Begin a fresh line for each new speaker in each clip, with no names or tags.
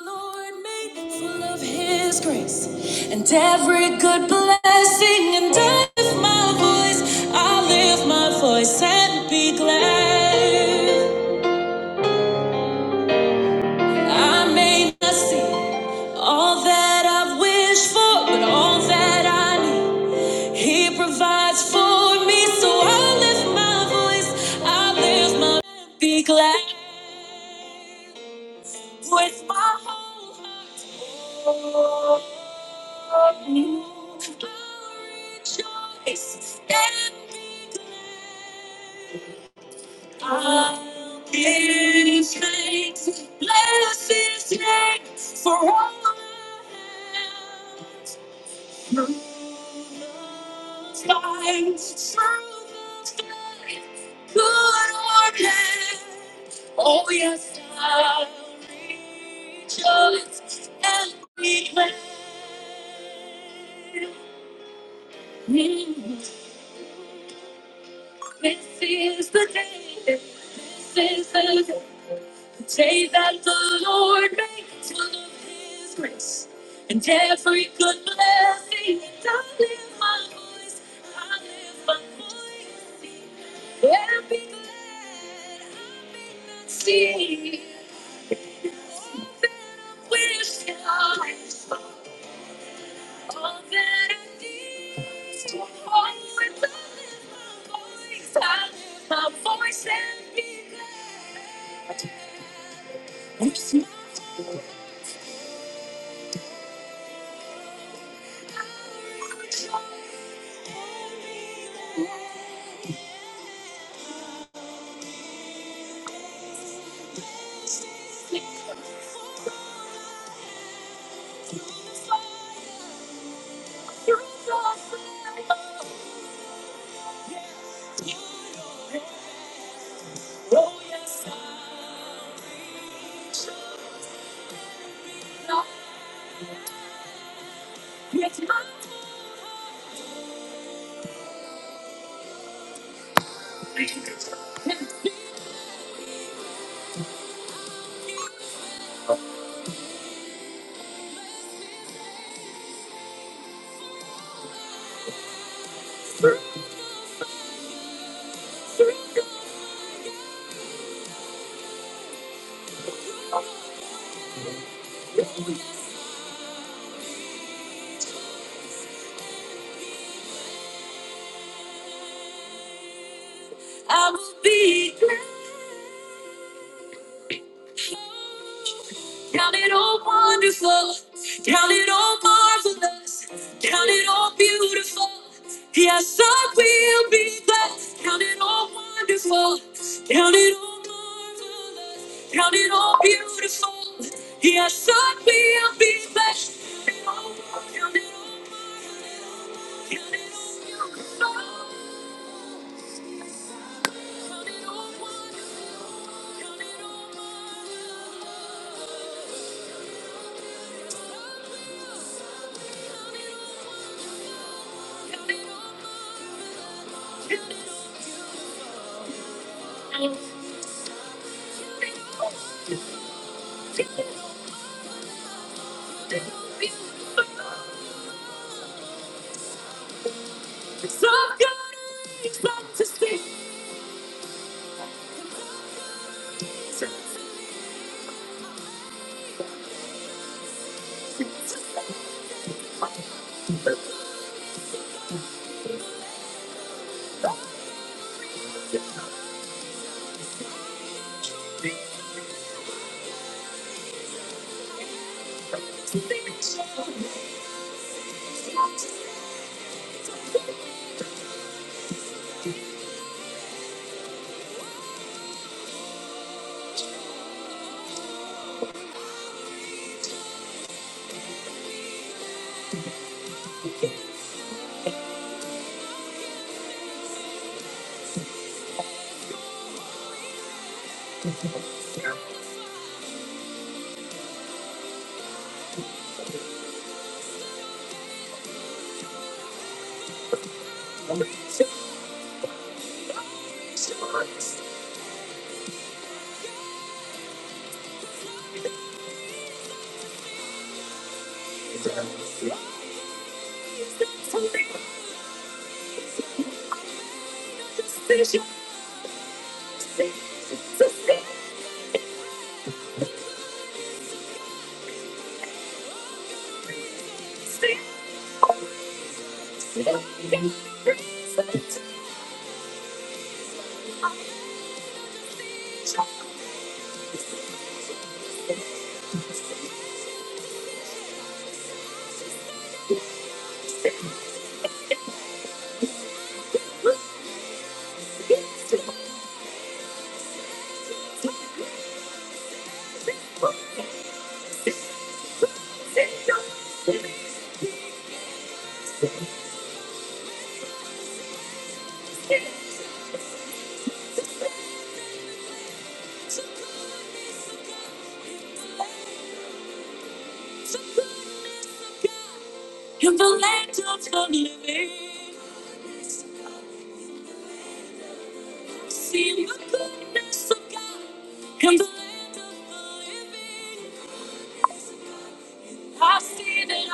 Lord made full of his grace and every good blessing and I lift my voice I lift my voice and be glad I may not see all that I wish for but all that I need he provides for me so I lift my voice I lift my be glad with my whole heart This is the day. This is the day. The day that the Lord makes full of His grace. And every I will be glad. Count it all wonderful. Count it all marvelous. Count it all beautiful. Yes, I will be glad. Count it all wonderful. Count it all marvelous. Count it all beautiful. Yeah, surely I'll be blessed. Come and open, come and open my love. Even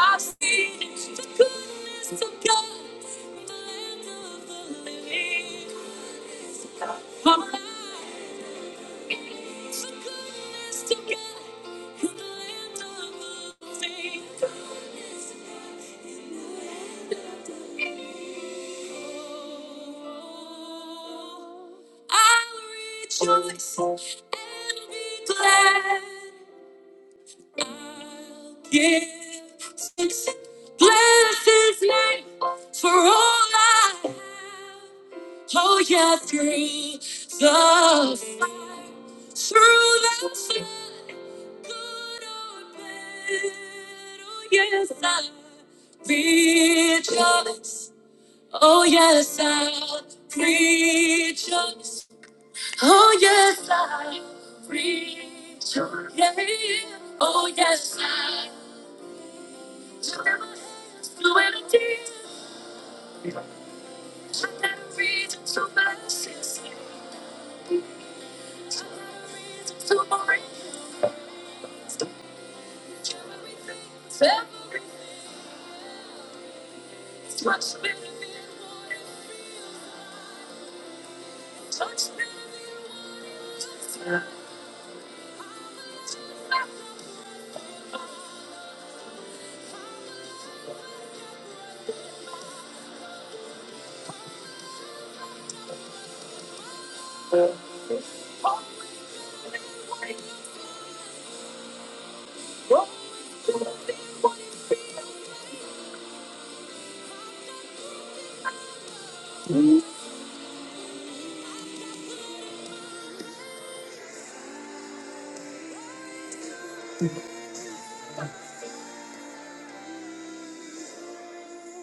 I've seen the goodness of God from the land of the living. I'm alive. Bless his name for all I have. Oh, yeah, through the fire, through the flood, good or bad. Oh, yes, I rejoice. Oh, yes, I rejoice. Oh, yes, I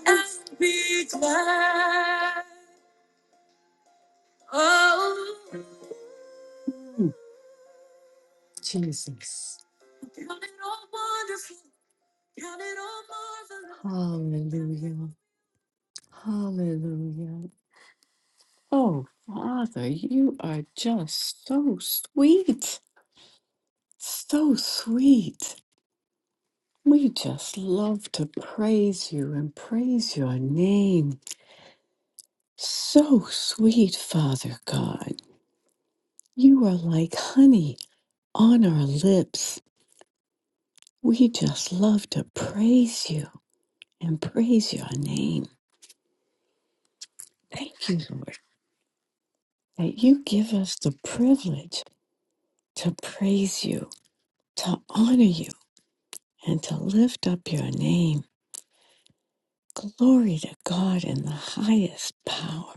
am be glad. Oh, count it all wonderful, count it all marvelous. We just love to praise you and praise your name. Thank you, Lord. that you give us the privilege to praise you, to honor you, and to lift up your name. Glory to God in the highest power.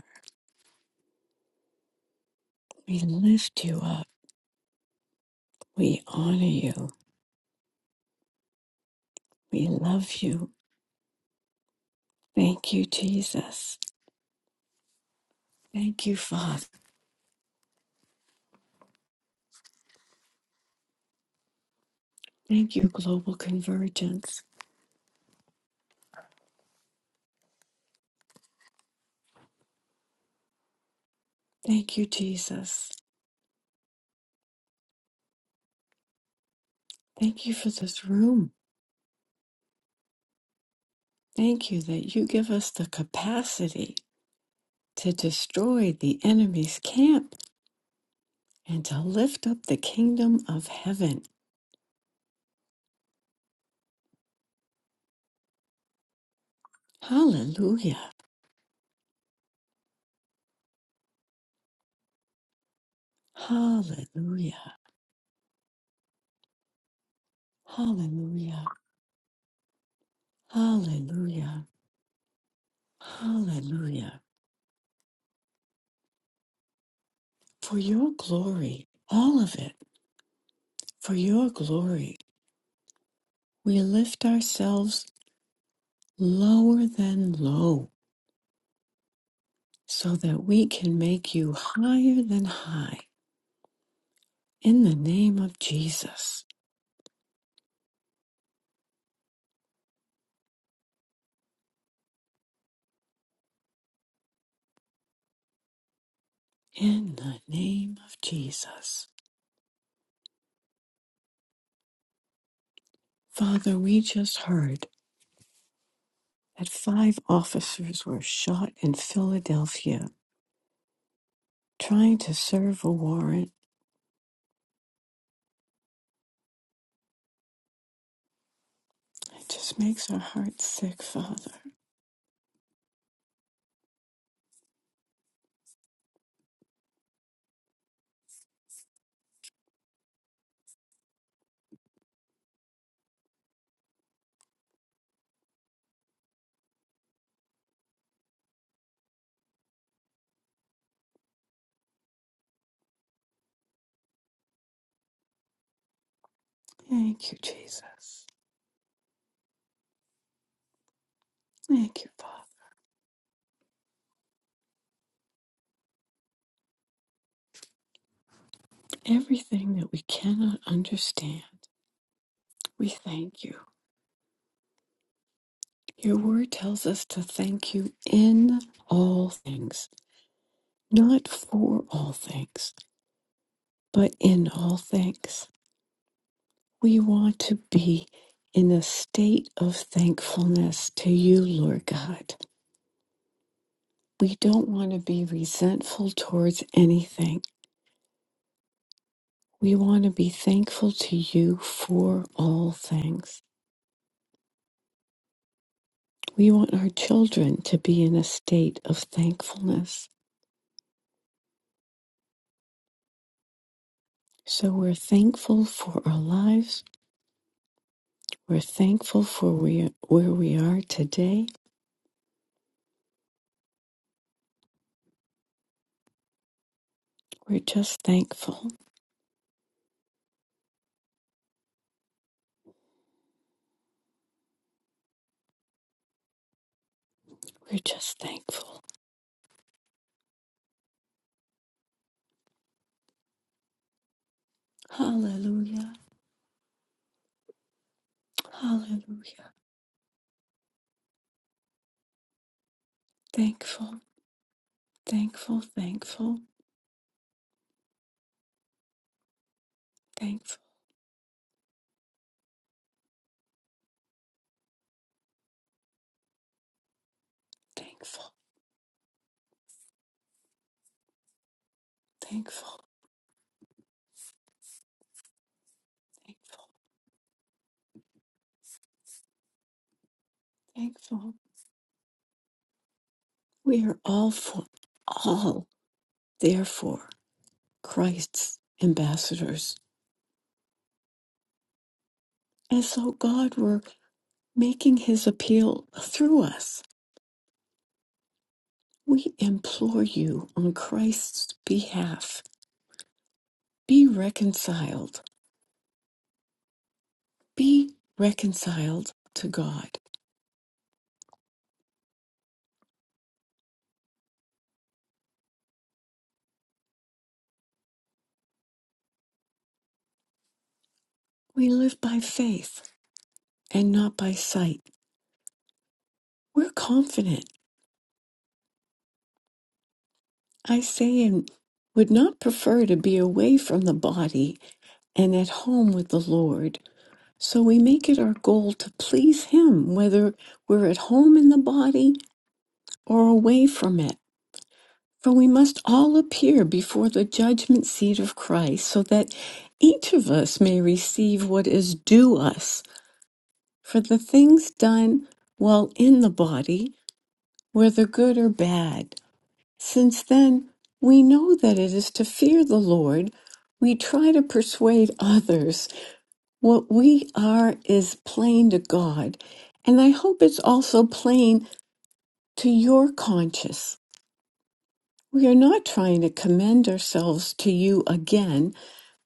We lift you up. We honor you. We love you. Thank you, Jesus. Thank you, Father. Thank you, Global Convergence. Thank you, Jesus. Thank you for this room. Thank you that you give us the capacity to destroy the enemy's camp and to lift up the kingdom of heaven. Hallelujah. Hallelujah. Hallelujah. Hallelujah. Hallelujah. For your glory, all of it, for your glory, we lift ourselves lower than low so that we can make you higher than high. In the name of Jesus. In the name of Jesus. Father, we just heard. that five officers were shot in Philadelphia trying to serve a warrant. It just makes our hearts sick, Father. Thank you, Jesus. Thank you, Father. Everything that we cannot understand, we thank you. Your word tells us to thank you in all things, not for all things, but in all things. We want to be in a state of thankfulness to you, Lord God. We don't want to be resentful towards anything. We want to be thankful to you for all things. We want our children to be in a state of thankfulness. So we're thankful for our lives. We're thankful for we, where we are today. We're just thankful. We're just thankful. Hallelujah. Hallelujah. Thankful, thankful, thankful, thankful, thankful, thankful, thankful, thankful. We are all for all therefore Christ's ambassadors. And so God were making his appeal through us. We implore you on Christ's behalf, be reconciled. Be reconciled to God. We live by faith and not by sight. We're confident. I say and would not prefer to be away from the body and at home with the Lord So we make it our goal to please Him, whether we're at home in the body or away from it. For we must all appear before the judgment seat of Christ, so that each of us may receive what is due us for the things done while in the body, whether good or bad. Since then, we know that it is to fear the Lord. We try to persuade others, What we are is plain to God, and I hope it's also plain to your conscience. We are not trying to commend ourselves to you again,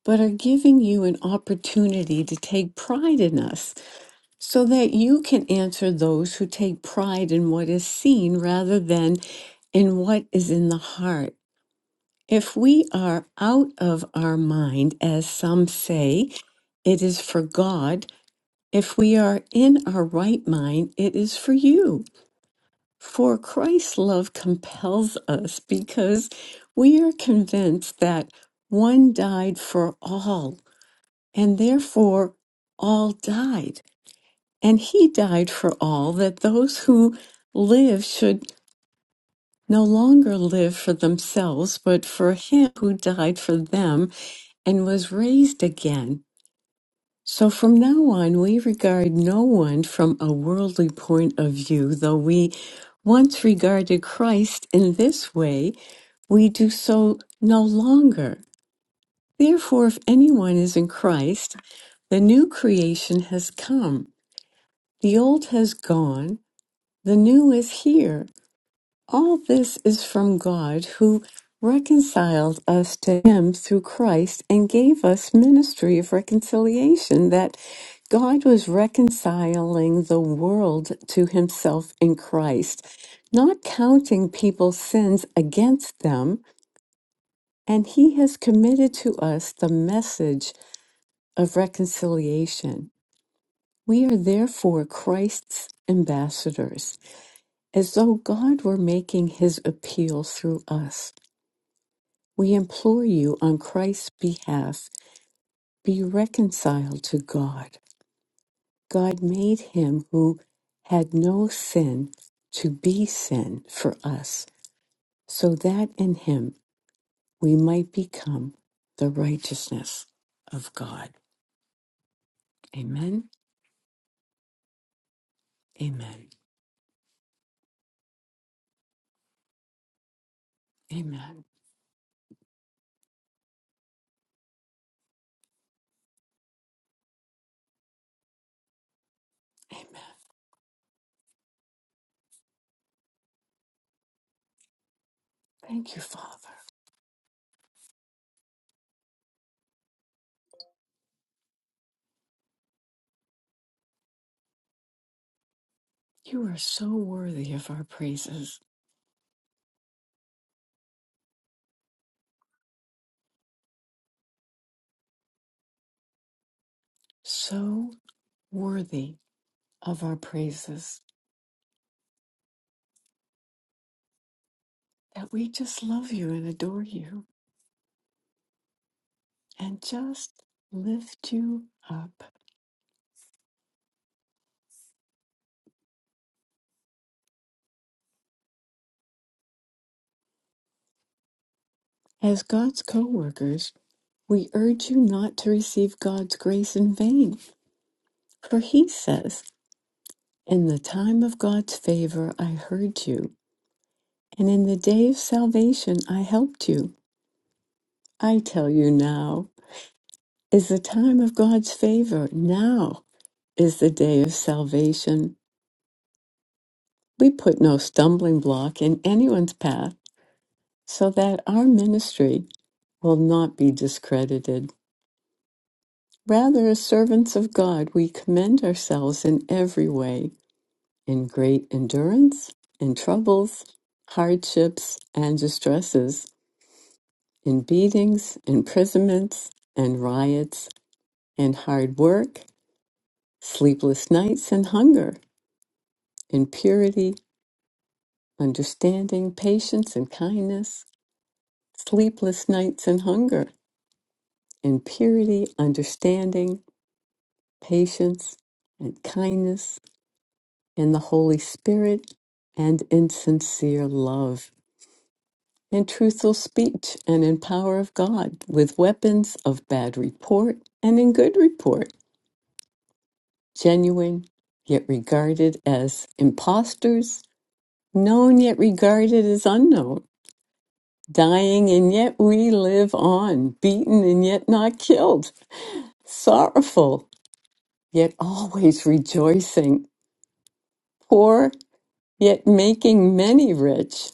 but are giving you an opportunity to take pride in us so that you can answer those who take pride in what is seen rather than in what is in the heart. If we are out of our mind, as some say, it is for God If we are in our right mind, it is for you. For Christ's love compels us because we are convinced that one died for all, and therefore all died. And he died for all, that those who live should no longer live for themselves, but for him who died for them and was raised again. So from now on, we regard no one from a worldly point of view, though we once regarded Christ in this way, we do so no longer. Therefore, if anyone is in Christ, the new creation has come. The old has gone, the new is here. All this is from God who reconciled us to him through Christ and gave us ministry of reconciliation that God was reconciling the world to himself in Christ, not counting people's sins against them, and he has committed to us the message of reconciliation. We are therefore Christ's ambassadors, as though God were making his appeal through us. We implore you on Christ's behalf, be reconciled to God. God made him who had no sin to be sin for us, so that in him we might become the righteousness of God. Amen. Amen. Amen. Amen. Thank you, Father. You are so worthy of our praises, so worthy of our praises that we just love you and adore you. and just lift you up. As God's co workers, we urge you not to receive God's grace in vain, for he says, In the time of God's favor I heard you, and in the day of salvation I helped you. I tell you now is the time of God's favor. Now is the day of salvation. We put no stumbling block in anyone's path so that our ministry will not be discredited. Rather, as servants of God, we commend ourselves in every way, in great endurance, in troubles, hardships, and distresses, in beatings, imprisonments, and riots, in hard work, sleepless nights, and hunger, in purity, understanding, patience, and kindness, sleepless nights and hunger, in purity, understanding, patience, and kindness in the Holy Spirit, and in sincere love, in truthful speech, and in power of God, with weapons of bad report and in good report, genuine, yet regarded as impostors, known yet regarded as unknown, dying and yet we live on, beaten and yet not killed, sorrowful, yet always rejoicing, poor, yet making many rich,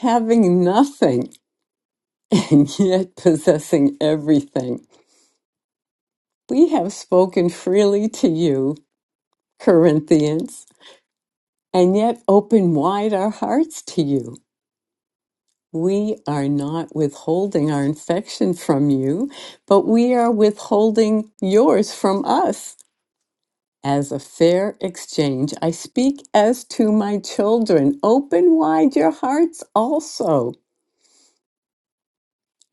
having nothing and yet possessing everything. We have spoken freely to you, Corinthians, and yet open wide our hearts to you. We are not withholding our infection from you, but we are withholding yours from us. As a fair exchange, I speak as to my children. Open wide your hearts also.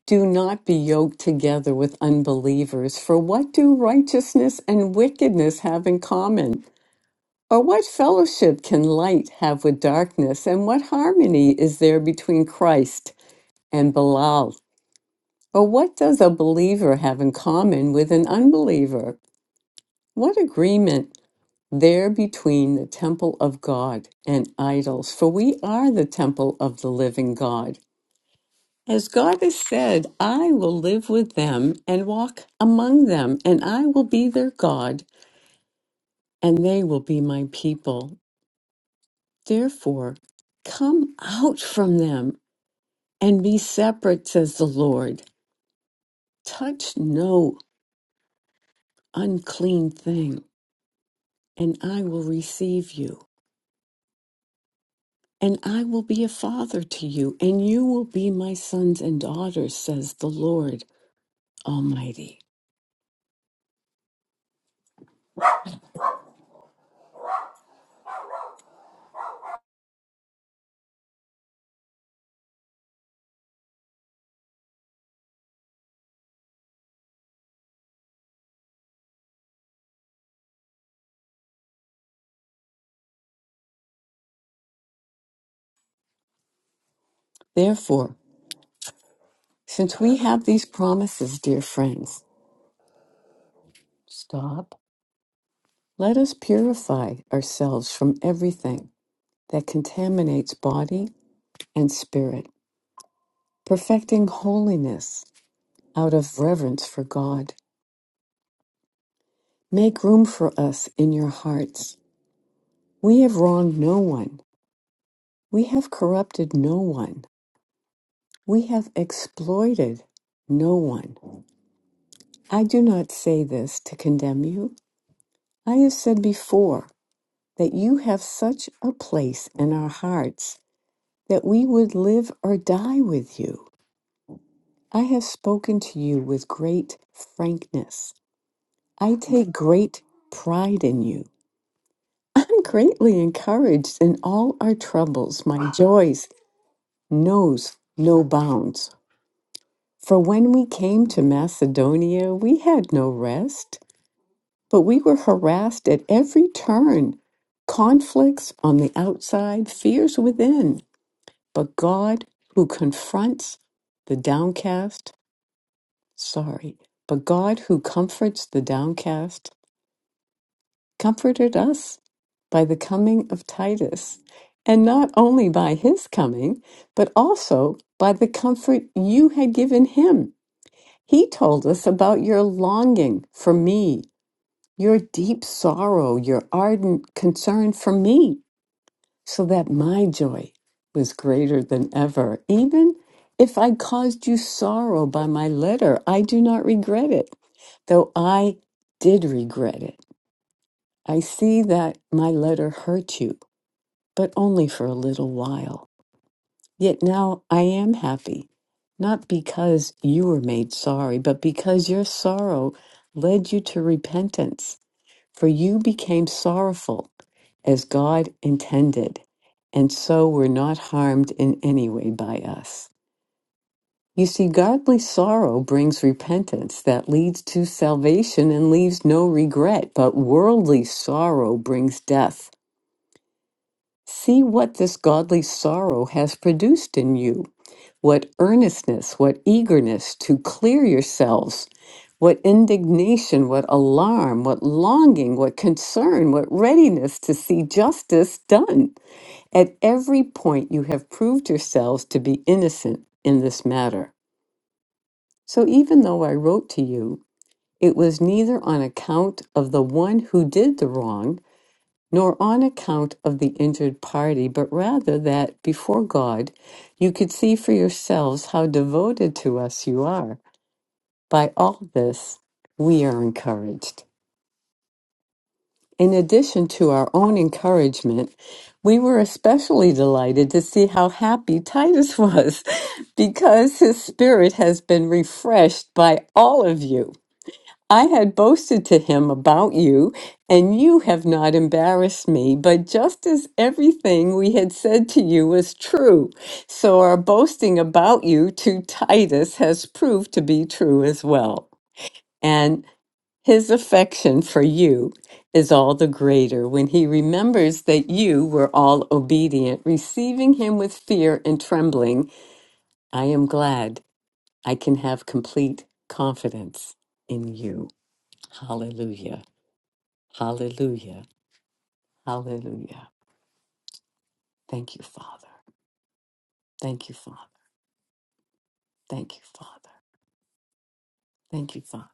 Do not be yoked together with unbelievers, for what do righteousness and wickedness have in common? Or what fellowship can light have with darkness? And what harmony is there between Christ and Belial? Or what does a believer have in common with an unbeliever? What agreement there between the temple of God and idols? For we are the temple of the living God. As God has said, I will live with them and walk among them, and I will be their God, and they will be my people. Therefore, come out from them and be separate, says the Lord. Touch no unclean thing, and I will receive you. And I will be a father to you, and you will be my sons and daughters, says the Lord Almighty. Therefore, since we have these promises, dear friends, Stop. Let us purify ourselves from everything that contaminates body and spirit, perfecting holiness out of reverence for God. Make room for us in your hearts. We have wronged no one. We have corrupted no one. We have exploited no one. I do not say this to condemn you. I have said before that you have such a place in our hearts that we would live or die with you. I have spoken to you with great frankness. I take great pride in you. I'm greatly encouraged in all our troubles. My joys knows no bounds. For when we came to Macedonia, we had no rest, but we were harassed at every turn. Conflicts on the outside, fears within. But God, who confronts the downcast, sorry, but God who comforts the downcast comforted us by the coming of Titus, and not only by his coming, but also by the comfort you had given him. He told us about your longing for me, your deep sorrow, your ardent concern for me, so that my joy was greater than ever. Even if I caused you sorrow by my letter, I do not regret it Though I did regret it, I see that my letter hurt you, but only for a little while. Yet now I am happy, not because you were made sorry, but because your sorrow led you to repentance. For you became sorrowful as God intended, and so were not harmed in any way by us. You see, godly sorrow brings repentance that leads to salvation and leaves no regret, but worldly sorrow brings death. See what this godly sorrow has produced in you. What earnestness, what eagerness to clear yourselves, what indignation, what alarm, what longing, what concern, what readiness to see justice done. At every point, you have proved yourselves to be innocent in this matter. So even though I wrote to you, it was neither on account of the one who did the wrong, nor on account of the injured party, but rather that before God you could see for yourselves how devoted to us you are. By all this, we are encouraged. In addition to our own encouragement, we were especially delighted to see how happy Titus was because his spirit has been refreshed by all of you. I had boasted to him about you, and you have not embarrassed me, but just as everything we had said to you was true, so our boasting about you to Titus has proved to be true as well. And his affection for you is all the greater when he remembers that you were all obedient, receiving him with fear and trembling. I am glad I can have complete confidence in you. Hallelujah. Hallelujah. Hallelujah. Thank you, Father. Thank you, Father. Thank you, Father. Thank you, Father.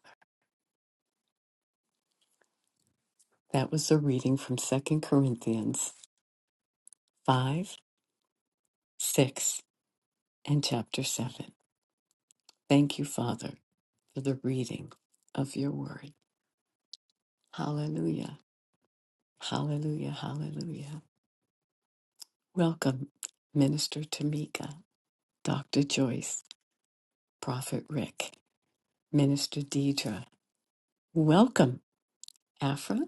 That was a reading from Second Corinthians 5, 6, and chapter 7. Thank you, Father, for the reading of your word. Hallelujah. Hallelujah. Hallelujah. Welcome, Minister Tamika, Dr. Joyce, Prophet Rick, Minister Deidre. Welcome, Afra,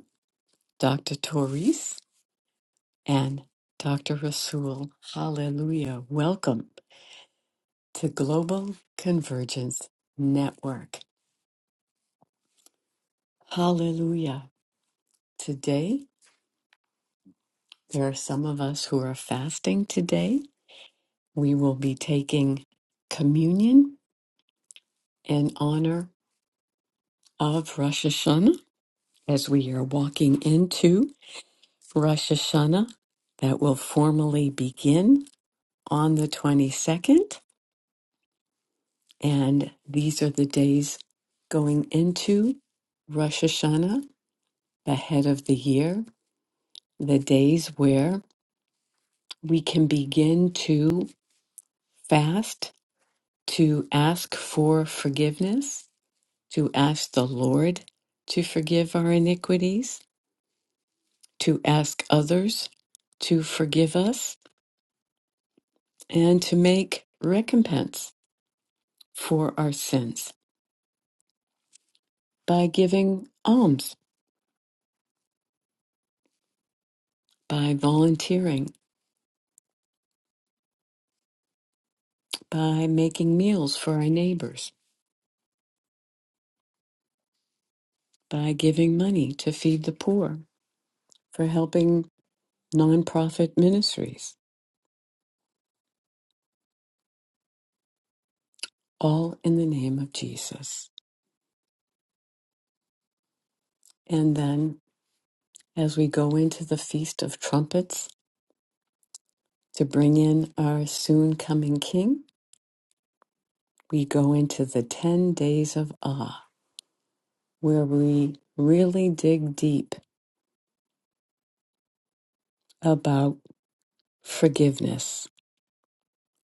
Dr. Therese. and Dr. Rasul. Hallelujah. Welcome to Global Convergence Network. Hallelujah. Today, there are some of us who are fasting today. We will be taking communion in honor of Rosh Hashanah as we are walking into Rosh Hashanah that will formally begin on the 22nd. And these are the days going into Rosh Hashanah, the head of the year, the days where we can begin to fast, to ask for forgiveness, to ask the Lord to forgive our iniquities, to ask others to forgive us, and to make recompense for our sins by giving alms, by volunteering by making meals for our neighbors, by giving money to feed the poor, for helping nonprofit ministries, all in the name of Jesus. And then, as we go into the Feast of Trumpets to bring in our soon coming King, we go into the 10 days of awe, where we really dig deep about forgiveness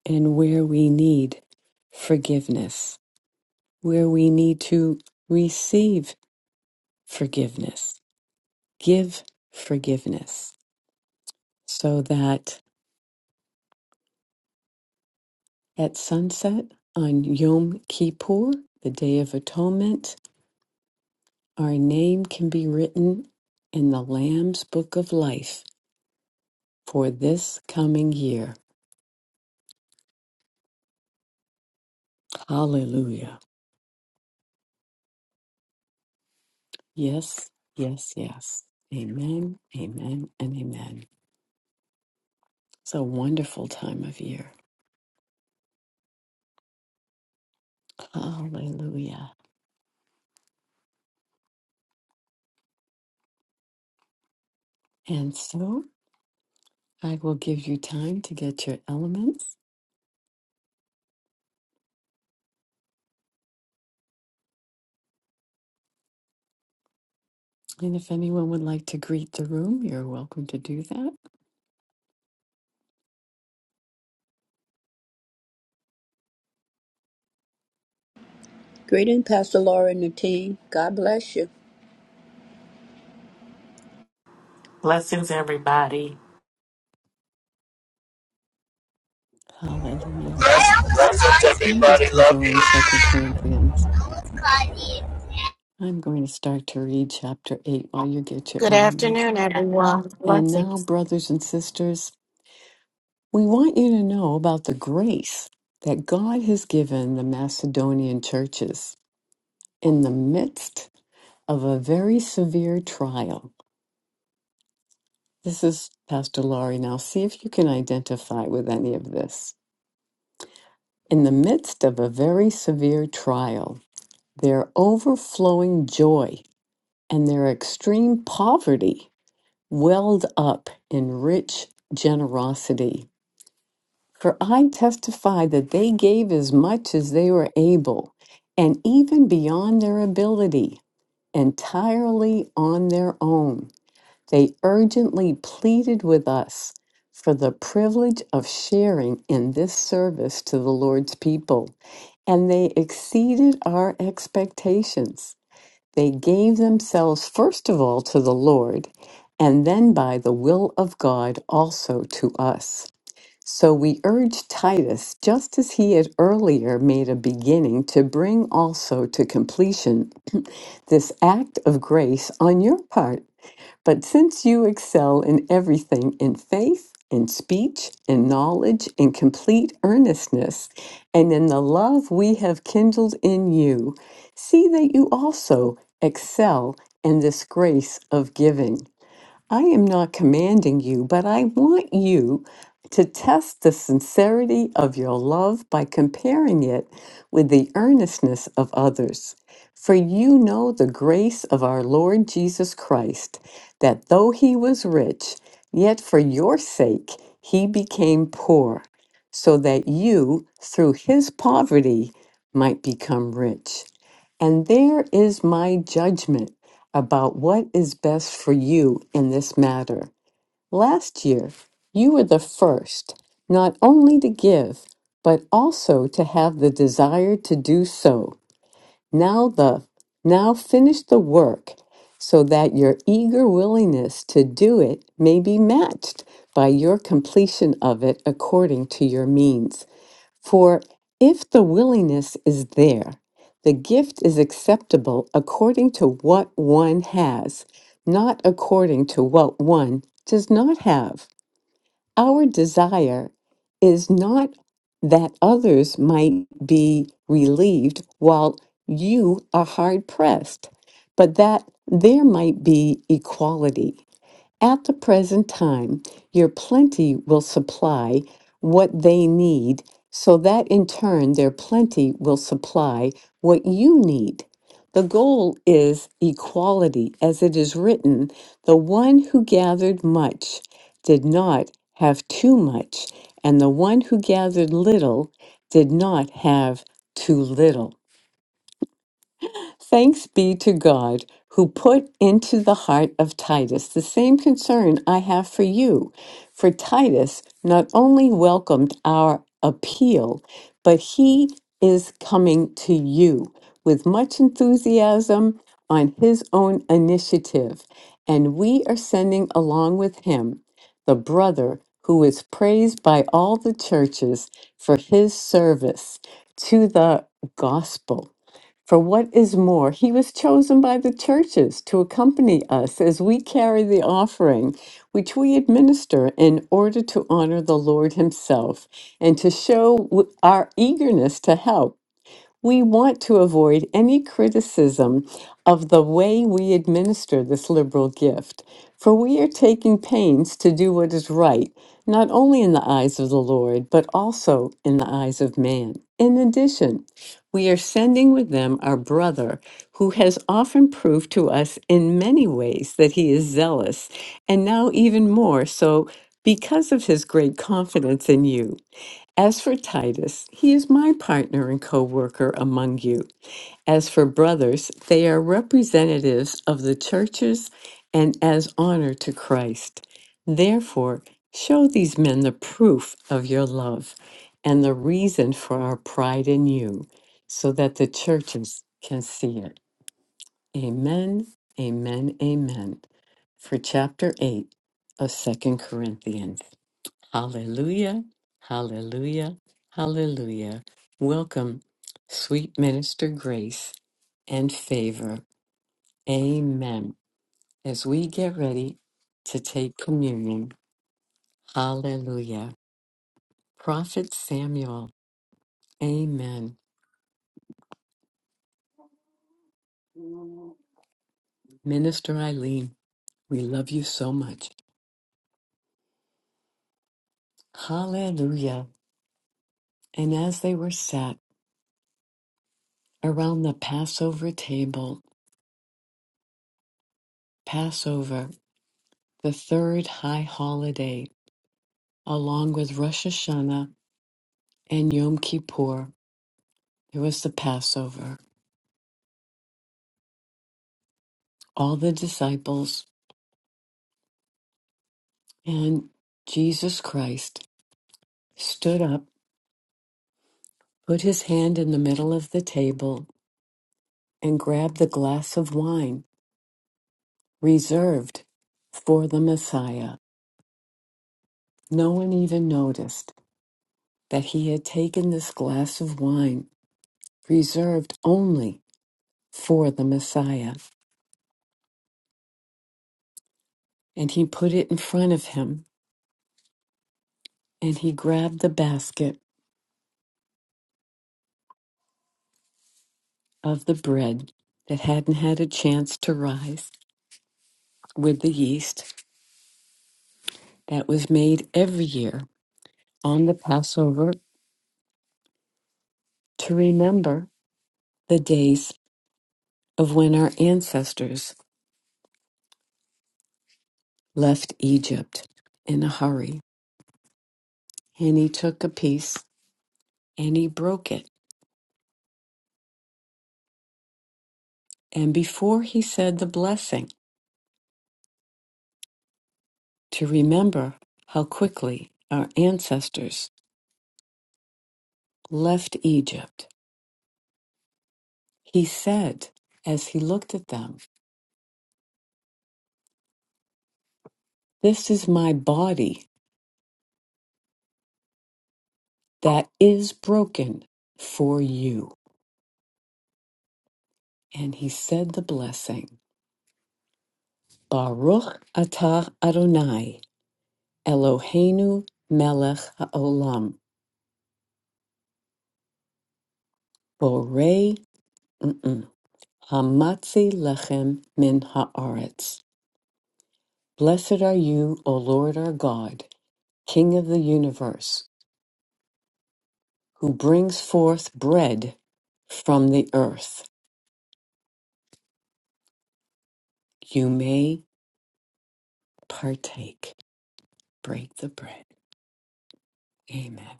and where we need forgiveness, where we need to receive forgiveness. Give forgiveness so that at sunset on Yom Kippur, the Day of Atonement, our name can be written in the Lamb's Book of Life for this coming year. Hallelujah. Yes, yes, yes. Amen, amen, and amen. It's a wonderful time of year. Hallelujah. And so I will give you time to get your elements And if anyone would like to greet the room, you're welcome to do that.
Greeting, Pastor Laura and the team. God bless you.
Blessings, everybody.
Hallelujah.
Blessings,
I'm
everybody.
just
Love you.
enjoying Second Corinthians. I'm going to start to read chapter 8 while you get your
Good
elements.
afternoon, everyone.
And now,
Blessings.
brothers and sisters, we want you to know about the grace that God has given the Macedonian churches in the midst of a very severe trial. This is Pastor Laurie. Now, see if you can identify with any of this. In the midst of a very severe trial, their overflowing joy and their extreme poverty welled up in rich generosity. For I testify that they gave as much as they were able, and even beyond their ability, entirely on their own they urgently pleaded with us for the privilege of sharing in this service to the Lord's people, and they exceeded our expectations. They gave themselves, first of all, to the Lord, and then by the will of God also to us. So we urge Titus, just as he had earlier made a beginning, to bring also to completion this act of grace on your part. But since you excel in everything in faith, in speech, in knowledge, in complete earnestness, and in the love we have kindled in you, see that you also excel in this grace of giving. I am not commanding you, but I want you to test the sincerity of your love by comparing it with the earnestness of others. For you know the grace of our Lord Jesus Christ, that though he was rich, yet for your sake he became poor, so that you, through his poverty, might become rich. And there is my judgment about what is best for you in this matter. Last year, you were the first not only to give, but also to have the desire to do so. Now the now finish the work so that your eager willingness to do it may be matched by your completion of it according to your means. For if the willingness is there, the gift is acceptable according to what one has, not according to what one does not have. Our desire is not that others might be relieved while you are hard pressed, but that there might be equality. At the present time, your plenty will supply what they need, so that in turn their plenty will supply what you need. The goal is equality, as it is written the one who gathered much did not have too much, and the one who gathered little did not have too little. Thanks be to God who put into the heart of Titus the same concern I have for you. For Titus not only welcomed our appeal, but he is coming to you with much enthusiasm on his own initiative. And we are sending along with him the brother who is praised by all the churches for his service to the gospel. For what is more, he was chosen by the churches to accompany us as we carry the offering, which we administer in order to honor the Lord himself and to show w- our eagerness to help. We want to avoid any criticism of the way we administer this liberal gift, for we are taking pains to do what is right, not only in the eyes of the Lord, but also in the eyes of man. In addition, we are sending with them our brother, who has often proved to us in many ways that he is zealous, and now even more so because of his great confidence in you. As for Titus, he is my partner and co worker among you. As for brothers, they are representatives of the churches and as honor to Christ. Therefore, show these men the proof of your love and the reason for our pride in you, so that the churches can see it. Amen, amen, amen. For chapter 8 of Second Corinthians. Hallelujah, hallelujah, hallelujah. Welcome, sweet minister grace and favor. Amen. As we get ready to take communion, hallelujah. Prophet Samuel, amen. Minister Eileen, we love you so much. Hallelujah. And as they were sat around the Passover table, Passover, the third high holiday, along with Rosh Hashanah and Yom Kippur. There was the Passover. All the disciples and Jesus Christ stood up, put his hand in the middle of the table, and grabbed the glass of wine reserved for the Messiah. No one even noticed that he had taken this glass of wine reserved only for the Messiah. And he put it in front of him, and he grabbed the basket of the bread that hadn't had a chance to rise with the yeast that was made every year on the Passover to remember the days of when our ancestors left Egypt in a hurry. And he took a piece and he broke it. And before he said the blessing, to remember how quickly our ancestors left Egypt, he said, as he looked at them, This is my body that is broken for you. And he said the blessing Baruch atah Adonai, Eloheinu melech haolam, borei mm-mm, hamatzi lechem min haaretz. Blessed are you, O Lord our God, King of the universe, who brings forth bread from the earth. You may partake. Break the bread. Amen.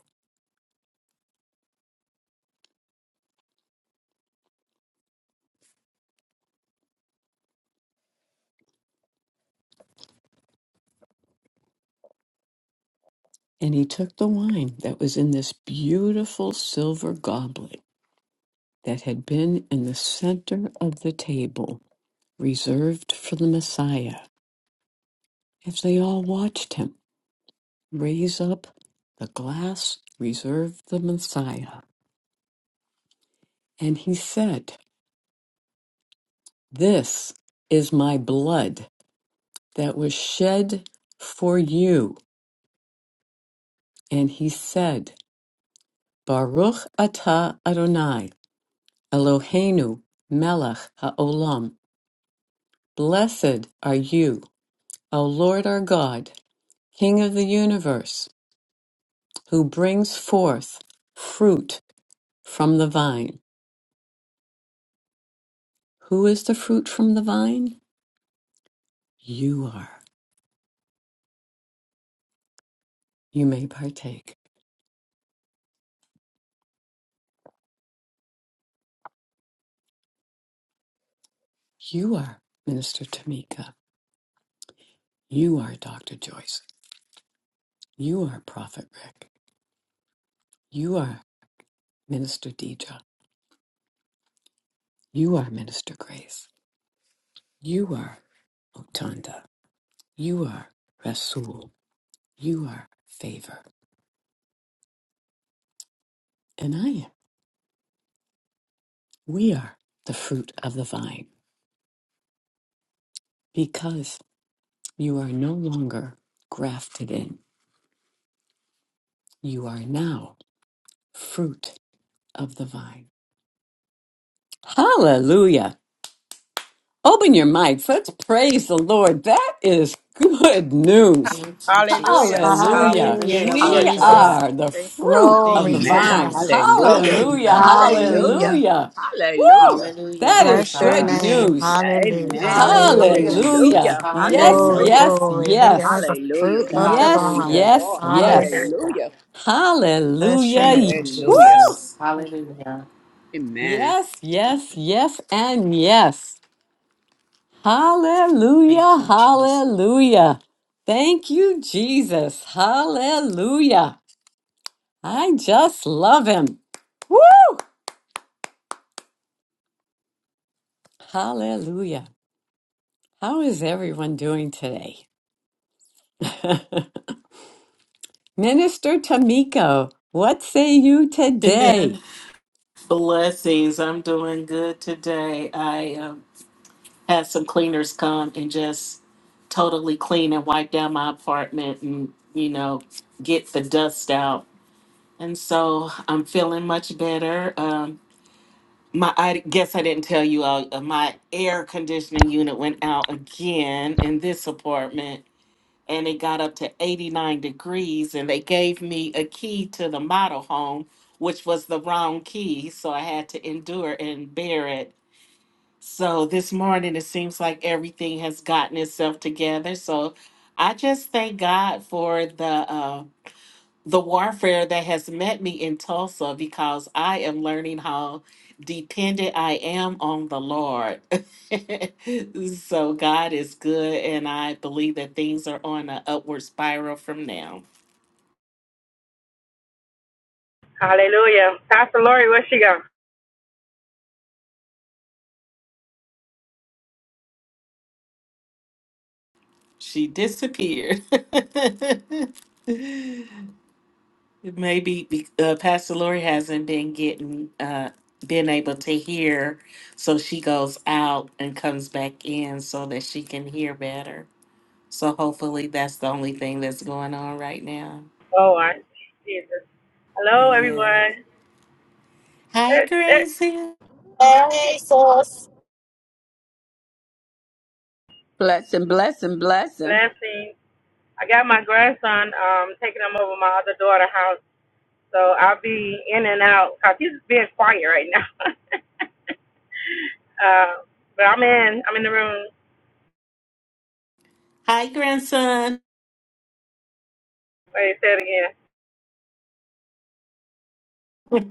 And he took the wine that was in this beautiful silver goblet that had been in the center of the table, reserved for the Messiah. As they all watched him raise up the glass reserved for the Messiah, and he said, This is my blood that was shed for you. And he said, Baruch atah Adonai, Eloheinu melech ha'olam Blessed are you, O Lord our God, King of the universe, who brings forth fruit from the vine. Who is the fruit from the vine? You are. You may partake. You are Minister Tamika. You are Dr. Joyce. You are Prophet Rick. You are Minister Deidre. You are Minister Grace. You are Otanda. You are Rasul. You are favor. And I am. We are the fruit of the vine because you are no longer grafted in. You are now fruit of the vine. Hallelujah. Open your mics. Let's praise the Lord. That is good news.
Thank you,
Hallelujah.
Jesus.
Hallelujah.
Hallelujah,
Hallelujah,
Hallelujah.
Lord
We
God.
Jesus.
are the
Thank you.
fruit of
Glory
the
Thank you,
to
Man.
vine.
God.
Jesus.
Hallelujah.
Hallelujah.
Hallelujah.
Hallelujah.
Hallelujah.
Hallelujah.
Hallelujah.
Woo!
Hallelujah,
That
Lord
is
Bless your
good
God.
name.
Man.
news.
Yeah,
Hallelujah.
Amen.
Thank you,
Hallelujah.
Hallelujah.
Jesus.
Hallelujah.
Yes,
Hallelujah.
Glory,
Hallelujah.
yes,
glory. We are
yes.
the
Hallelujah,
fruit of
God.
the
Yes,
Thank you,
vine.
Hallelujah.
yes,
Lord.
yes.
Hallelujah.
Hallelujah.
Bless your
Hallelujah.
Thank
name,
you,
Hallelujah.
Woo!
Jesus.
Jesus. Hallelujah.
Amen.
Yes, yes, yes, and yes.
Thank
Hallelujah,
you, Jesus.
hallelujah. Thank you, Jesus. Hallelujah. I just love him. Woo! Hallelujah. How is everyone doing today? Minister Tamiko, what say you today?
Blessings. I'm doing good today. I um, had some cleaners come and just totally clean and wipe down my apartment and, you know, get the dust out And so I'm feeling much better. Um, my I guess I didn't tell you all. uh, My air conditioning unit went out again in this apartment, and it got up to 89 degrees. And they gave me a key to the model home, which was the wrong key, so I had to endure and bear it. So this morning, it seems like everything has gotten itself together. So I just thank God for the. Uh, the warfare that has met me in Tulsa because I am learning how dependent I am on the Lord. so God is good, and I believe that things are on an upward spiral from now.
Hallelujah. Pastor Lori, where she go?
She disappeared. Maybe be- uh, Pastor Lori hasn't been getting, uh, been able to hear, so she goes out and comes back in so that she can hear better. So hopefully that's the only thing that's going on right now.
Oh, I, Jesus. Hello,
Yeah.
everyone.
Hi,
Eh, eh,
Gracie.
Jesus.
Blessing, blessing, blessing.
Blessings. I got my grandson um, taking him over my other daughter's house, so I'll be in and out because he's being quiet right now. uh, but I'm in. I'm in the room.
Hi, grandson.
Wait, say it again.
wow.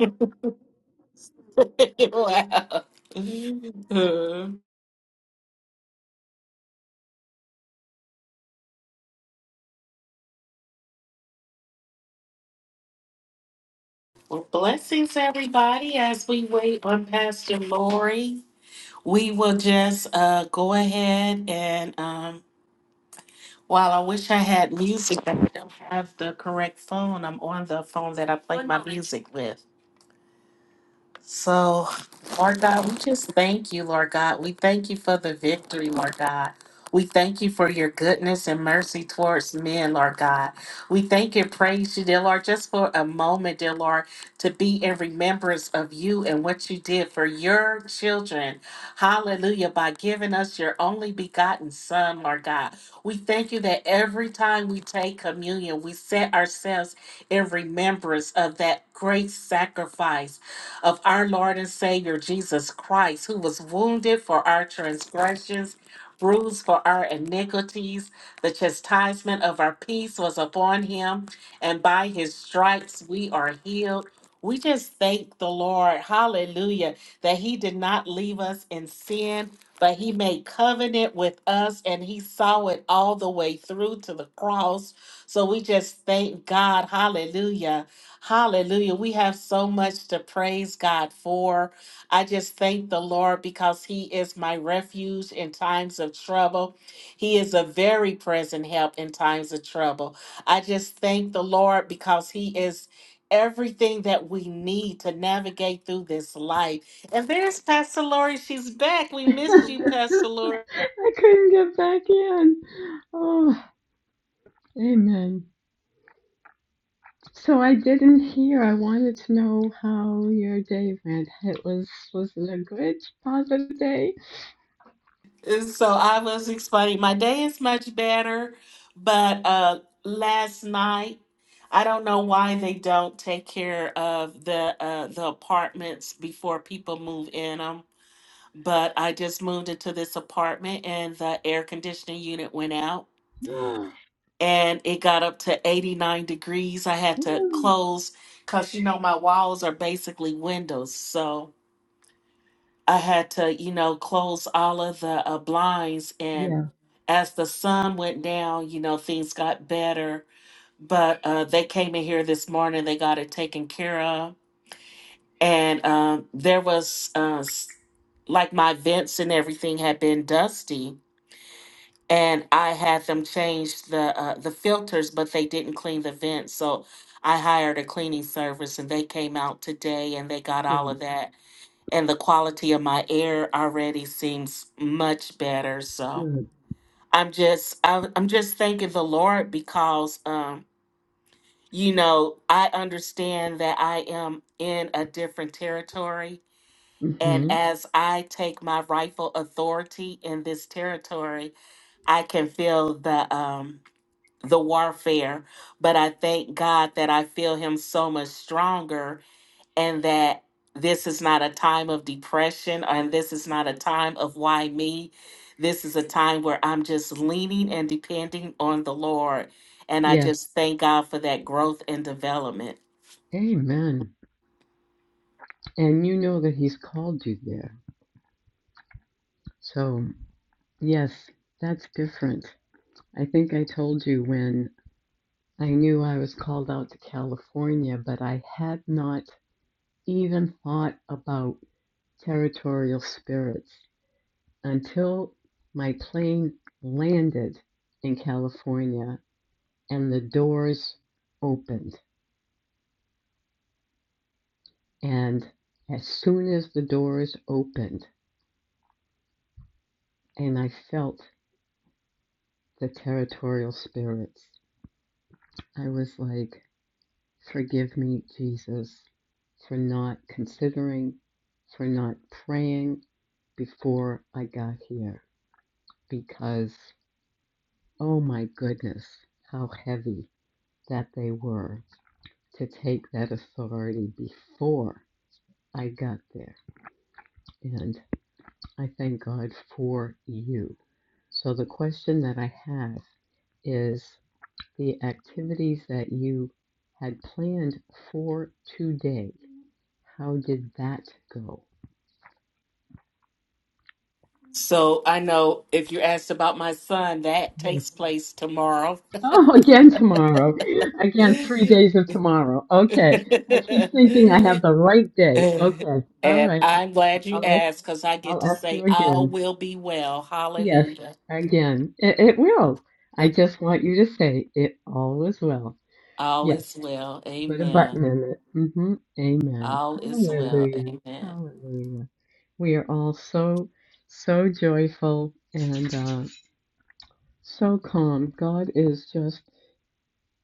Well, blessings, everybody. As we wait on Pastor Lori, we will just uh, go ahead and, um, while I wish I had music, but I don't have the correct phone. I'm on the phone that I play One my moment. music with. So, Lord God, we just thank you, Lord God. We thank you for the victory, Lord God. We thank you for your goodness and mercy towards men, Lord God. We thank and praise you, dear Lord, just for a moment, dear Lord, to be in remembrance of you and what you did for your children. Hallelujah. By giving us your only begotten Son, Lord God. We thank you that every time we take communion, we set ourselves in remembrance of that great sacrifice of our Lord and Savior Jesus Christ, who was wounded for our transgressions, bruised for our iniquities. The chastisement of our peace was upon him, and by his stripes we are healed. We just thank the Lord, hallelujah, that he did not leave us in sin, but he made covenant with us and he saw it all the way through to the cross. So we just thank God, hallelujah Hallelujah. We have so much to praise God for. I just thank the Lord because He is my refuge in times of trouble. He is a very present help in times of trouble. I just thank the Lord because He is everything that we need to navigate through this life. And there's Pastor Lori. She's back. We missed you,
I
Pastor Lori.
couldn't get back in. Oh, amen. So I didn't hear. I wanted to know how your day went. It was was it a good, positive day?
So I was explaining my day is much better, but uh last night I don't know why they don't take care of the uh the apartments before people move in them, but I just moved into this apartment and the air conditioning unit went out and it got up to 89 degrees. I had to close cuz you know my walls are basically windows. So I had to, you know, close all of the uh, blinds. And as the sun went down, you know, things got better. But uh, they came in here this morning, they got it taken care of. And um, there was uh, s- like my vents and everything had been dusty. And I had them change the uh, the filters, but they didn't clean the vents. So I hired a cleaning service, and they came out today and they got all of that and the quality of my air already seems much better. So I'm just I, I'm just thanking the Lord because um you know I understand that I am in a different territory. And
Mm-hmm.
as I take my rightful authority in this territory, I can feel the um, the warfare. But I thank God that I feel Him so much stronger and that this is not a time of depression and this is not a time of why me. This is a time where I'm just leaning and depending on the Lord. And I
Yes.
just thank God for that growth and development.
Amen. And you know that He's called you there. So yes, that's different. I think I told you when I knew I was called out to California, but I had not even thought about territorial spirits until my plane landed in California and the doors opened. And as soon as the doors opened and I felt the territorial spirits, I was like, Forgive me, Jesus, for not considering, for not praying before I got here. Because, oh my goodness, how heavy that they were to take that authority before I got there. and. I thank God for you. So the question that I have is the activities that you had planned for today, how did that go?
So I know if you asked about my son, that
Yes.
takes place tomorrow.
Oh, again tomorrow.
and
Again, three days of tomorrow. Okay. I keep thinking I have the right day. Okay. All right.
I'm
I-
glad you
I'll, ask-
asked because I get
I'll
to
ask you
say, all
again.
will be well.
Yes,
Hallelujah.
again. It, it will. I just want you to say it all is well.
All
Yes.
is well.
Put a
Amen.
button in it. hmm Amen.
All is well.
Hallelujah.
Amen.
Hallelujah. We are all so, so joyful and uh, so calm. God is just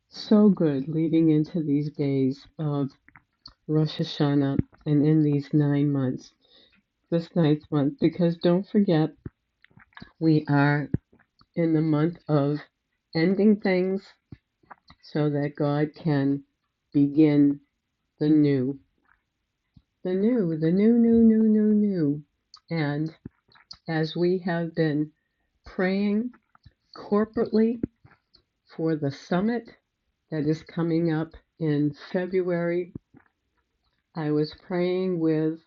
so good leading into these days of Rosh Hashanah and in these nine months, this ninth month, because don't forget, we are in the month of ending things so that God can begin the new. the new, the new, new, new, new, new. And as we have been praying corporately for the summit that is coming up in February, I was praying with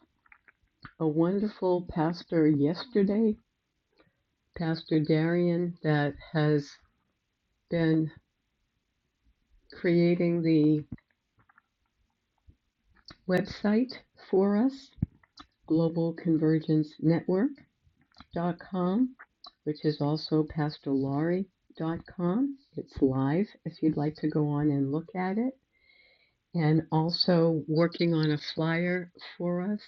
a wonderful pastor yesterday, Pastor Darian, that has been creating the website for us, Global Convergence Network. dot com, which is also Pastor Laurie dot com. It's live if you'd like to go on and look at it. And also working on a flyer for us.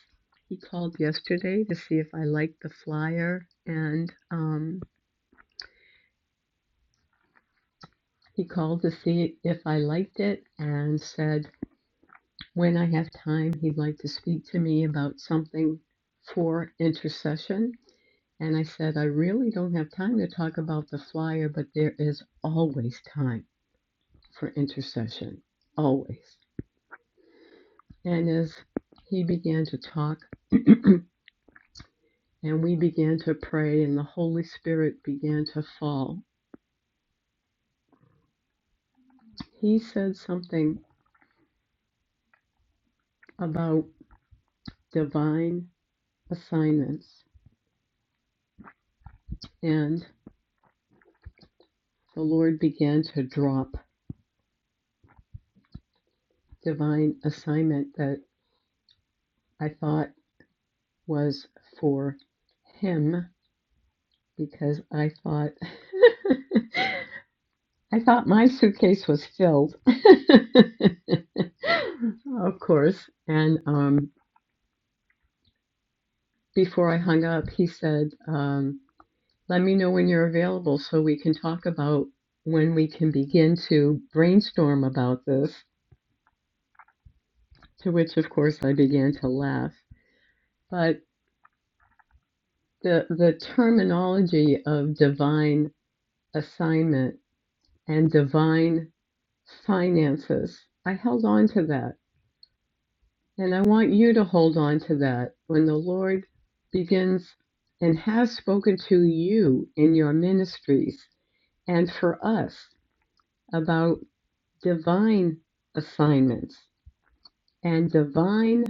He called yesterday to see if I liked the flyer, and um, he called to see if I liked it and said when I have time, he'd like to speak to me about something for intercession. And I said, I really don't have time to talk about the flyer, but there is always time for intercession. Always. And as he began to talk, and we began to pray, and the Holy Spirit began to fall, he said something about divine assignments. And the Lord began to drop divine assignment that I thought was for him because I thought I thought my suitcase was filled. of course. And um, before I hung up, he said, um, "Let me know when you're available so we can talk about when we can begin to brainstorm about this." To which, of course, I began to laugh. But the the terminology of divine assignment and divine finances, I held on to that And I want you to hold on to that. When the Lord begins and has spoken to you in your ministries and for us about divine assignments and divine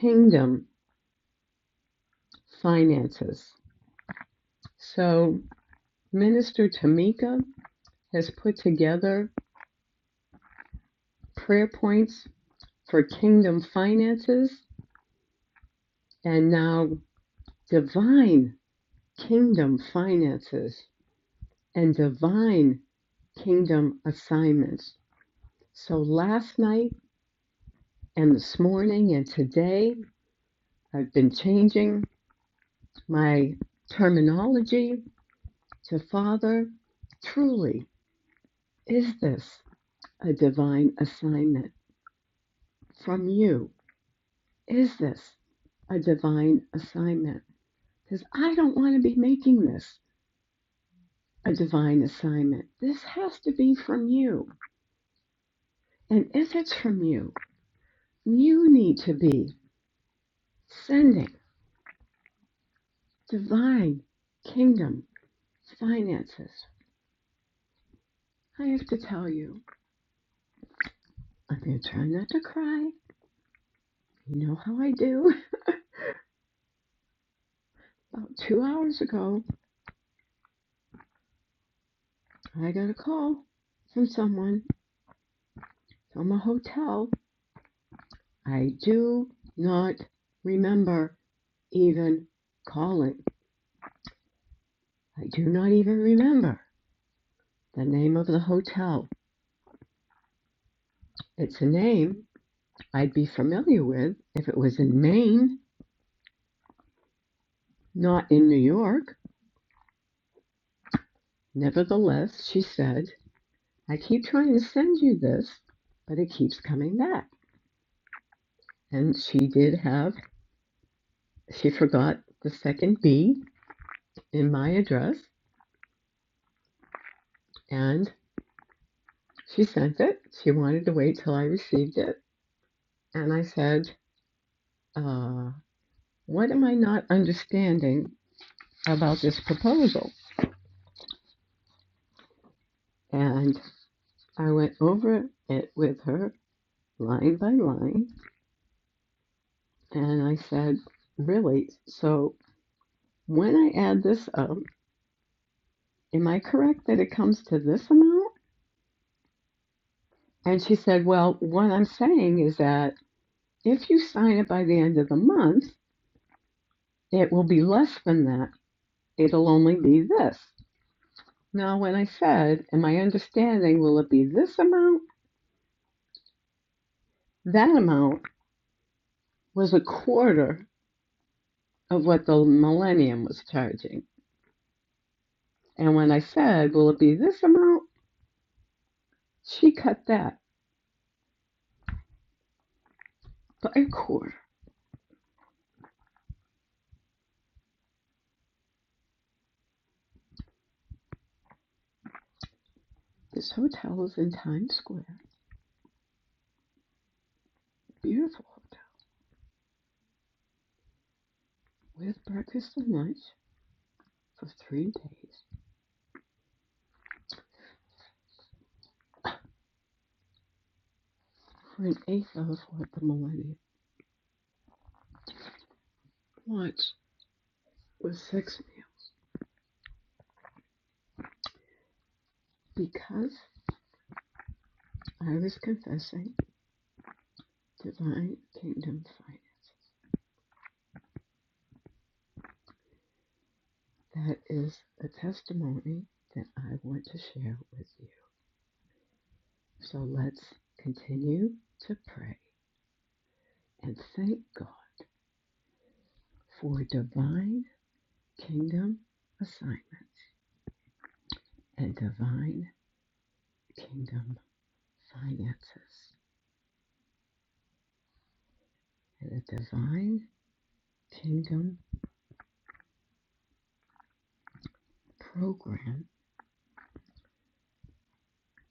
kingdom finances. So, Minister Tamika has put together prayer points for kingdom finances and now divine kingdom finances and divine kingdom assignments. So last night and this morning and today, I've been changing my terminology to Father. Truly, is this a divine assignment from you? Is this a divine assignment? Because I don't want to be making this a divine assignment. This has to be from you. And if it's from you, you need to be sending. divine kingdom finances. I have to tell you, I'm going to try not to cry. You know how I do. About two hours ago, I got a call from someone from a hotel. I do not remember even calling. I do not even remember the name of the hotel. It's a name I'd be familiar with if it was in Maine, not in New York. Nevertheless, she said. I keep trying to send you this, but it keeps coming back. And she did have, she forgot the second B in my address, and she sent it. She wanted to wait till I received it. And I said, uh, What am I not understanding about this proposal? And I went over it with her line by line, and I said, Really? So when I add this up, am I correct that it comes to this amount? And she said, Well, what I'm saying is that if you sign it by the end of the month, it will be less than that. It'll only be this. Now, when I said, "In my understanding, will it be this amount? That amount was a quarter of what the Millennium was charging. And when I said, Will it be this amount? She cut that by a quarter. This hotel is in Times Square, a beautiful hotel, with breakfast and lunch for three days. for an eighth of what the millennium wants was six meals because I was confessing divine kingdom finance. That is a testimony that I want to share with you. So let's continue to pray and thank God for divine kingdom assignments and divine kingdom finances and a divine kingdom program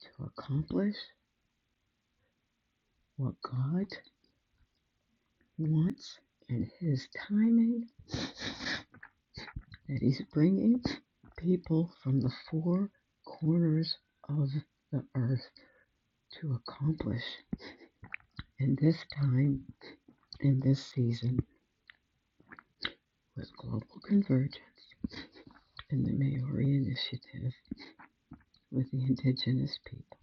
to accomplish what God wants and His timing that He's bringing people from the four corners of the earth to accomplish in this time, in this season, with global convergence and the Maori initiative with the indigenous people.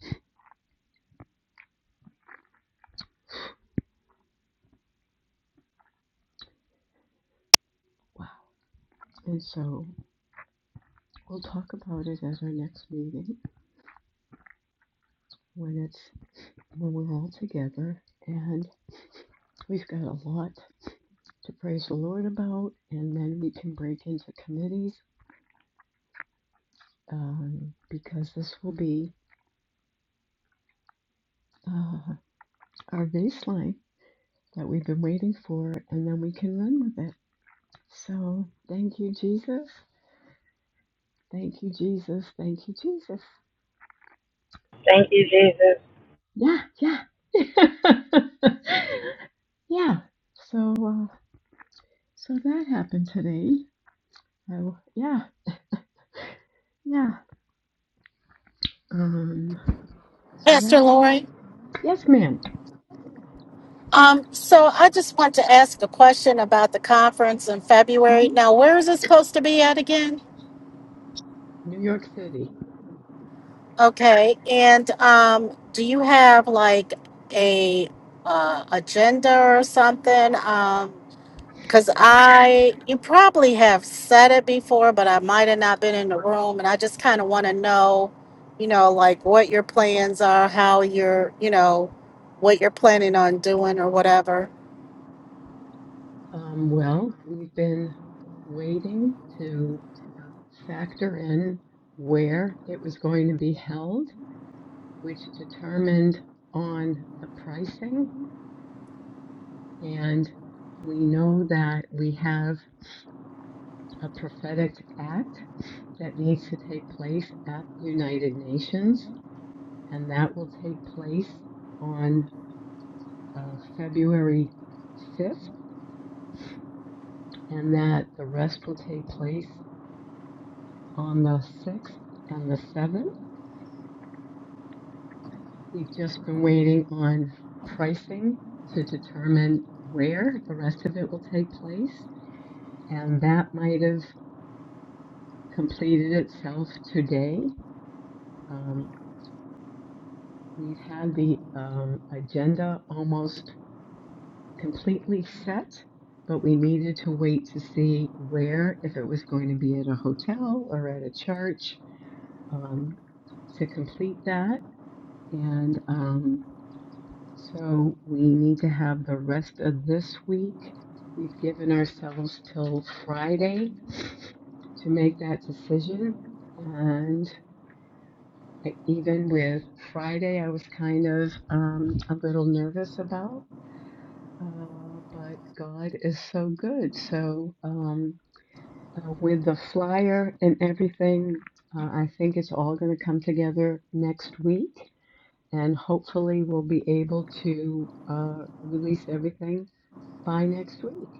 Wow. And so we'll talk about it at our next meeting when it's when we're all together and we've got a lot to praise the Lord about, and then we can break into committees um, because this will be uh, our baseline that we've been waiting for, and then we can run with it. So thank you, Jesus. Thank you, Jesus. Thank you, Jesus.
Thank you, Jesus.
Yeah, yeah, yeah. So, uh, so that happened today. Oh, yeah, yeah. Um, so
Pastor
that's
Lauren.
yes, madam
Um, so I just want to ask a question about the conference in February.
Mm-hmm.
Now, where is it supposed to be at again?
New York City.
Okay, and um, do you have like a uh, agenda or something? Um, because I, you probably have said it before, but I might have not been in the room, and I just kind of want to know, you know, like what your plans are, how you're, you know, what you're planning on doing or whatever.
Um, well, we've been waiting to factor in where it was going to be held, which determined on the pricing. And we know that we have a prophetic act that needs to take place at the United Nations, and that will take place on uh, February 5th, and that the rest will take place on the 6th and the 7th. We've just been waiting on pricing to determine where the rest of it will take place, and that might have completed itself today. Um, we've had the um, agenda almost completely set, but we needed to wait to see where, if it was going to be at a hotel or at a church, um, to complete that. And um, So we need to have the rest of this week. We've given ourselves till Friday to make that decision. And even with Friday, I was kind of um, a little nervous about, uh, but God is so good. So um, uh, with the flyer and everything, uh, I think it's all going to come together next week. And hopefully, we'll be able to uh, release everything by next week.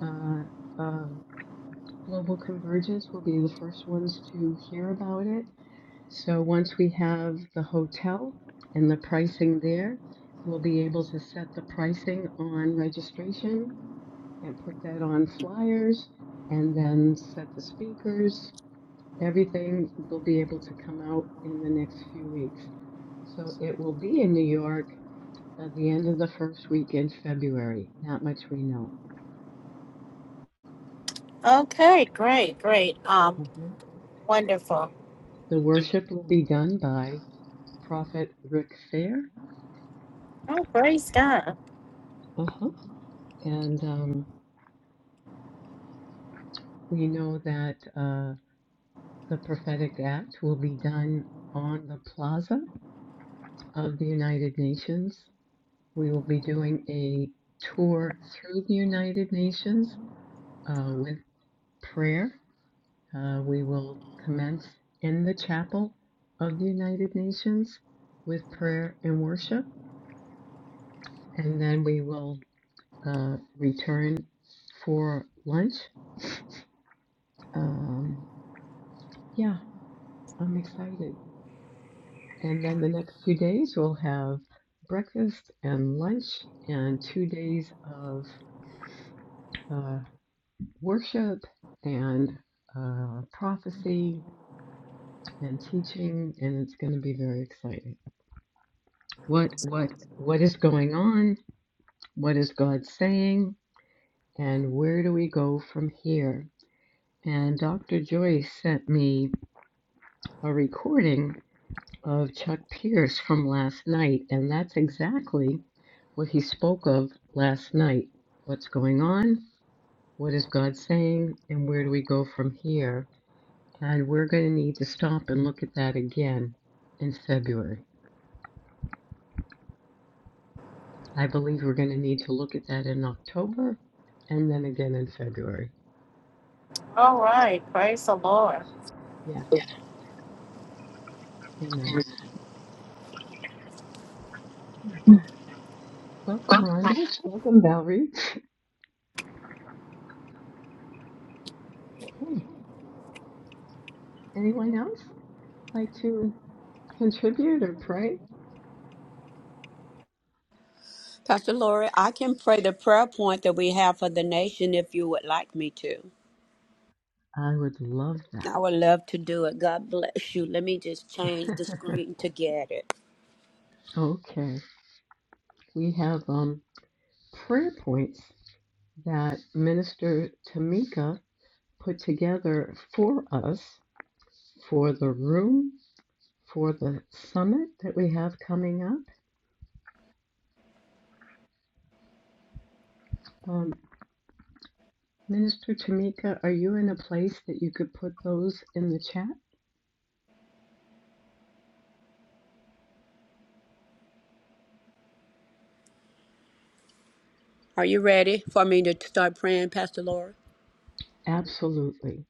Uh, um, Global Convergence will be the first ones to hear about it. So once we have the hotel and the pricing there, we'll be able to set the pricing on registration and put that on flyers and then set the speakers. Everything will be able to come out in the next few weeks. So it will be in New York at the end of the first week in February. That much we know.
Okay, great, great, um,
Mm-hmm.
wonderful.
The worship will be done by Prophet Rick Fair.
Oh, praise God.
Uh-huh. And um, we know that uh, the prophetic act will be done on the plaza of the United Nations. We will be doing a tour through the United Nations uh, with prayer. Uh, we will commence in the chapel of the United Nations with prayer and worship. And then we will uh, return for lunch. Um, yeah, I'm excited. And then the next two days, we'll have breakfast and lunch, and two days of uh, worship and uh, prophecy and teaching, and it's going to be very exciting. What what what is going on? What is God saying? And where do we go from here? And Dr. Joyce sent me a recording of Chuck Pierce from last night, and that's exactly what he spoke of last night. What's going on? What is God saying? And where do we go from here? And we're going to need to stop and look at that again in February. I believe we're going to need to look at that in October and then again in February.
All right, praise the Lord.
Yeah, amen. Yeah. Welcome, Rhonda. Welcome, Valerie. Okay. Anyone else like to contribute or pray?
Pastor Laura, I can pray the prayer point that we have for the nation if you would like me to.
I would love that.
I would love to do it. God bless you. Let me just change the screen to get it.
okay. We have um, prayer points that Minister Tamika put together for us for the room, for the summit that we have coming up. Um, Minister Tamika, are you in a place that you could put those in the chat?
Are you ready for me to start praying, Pastor Laura?
Absolutely.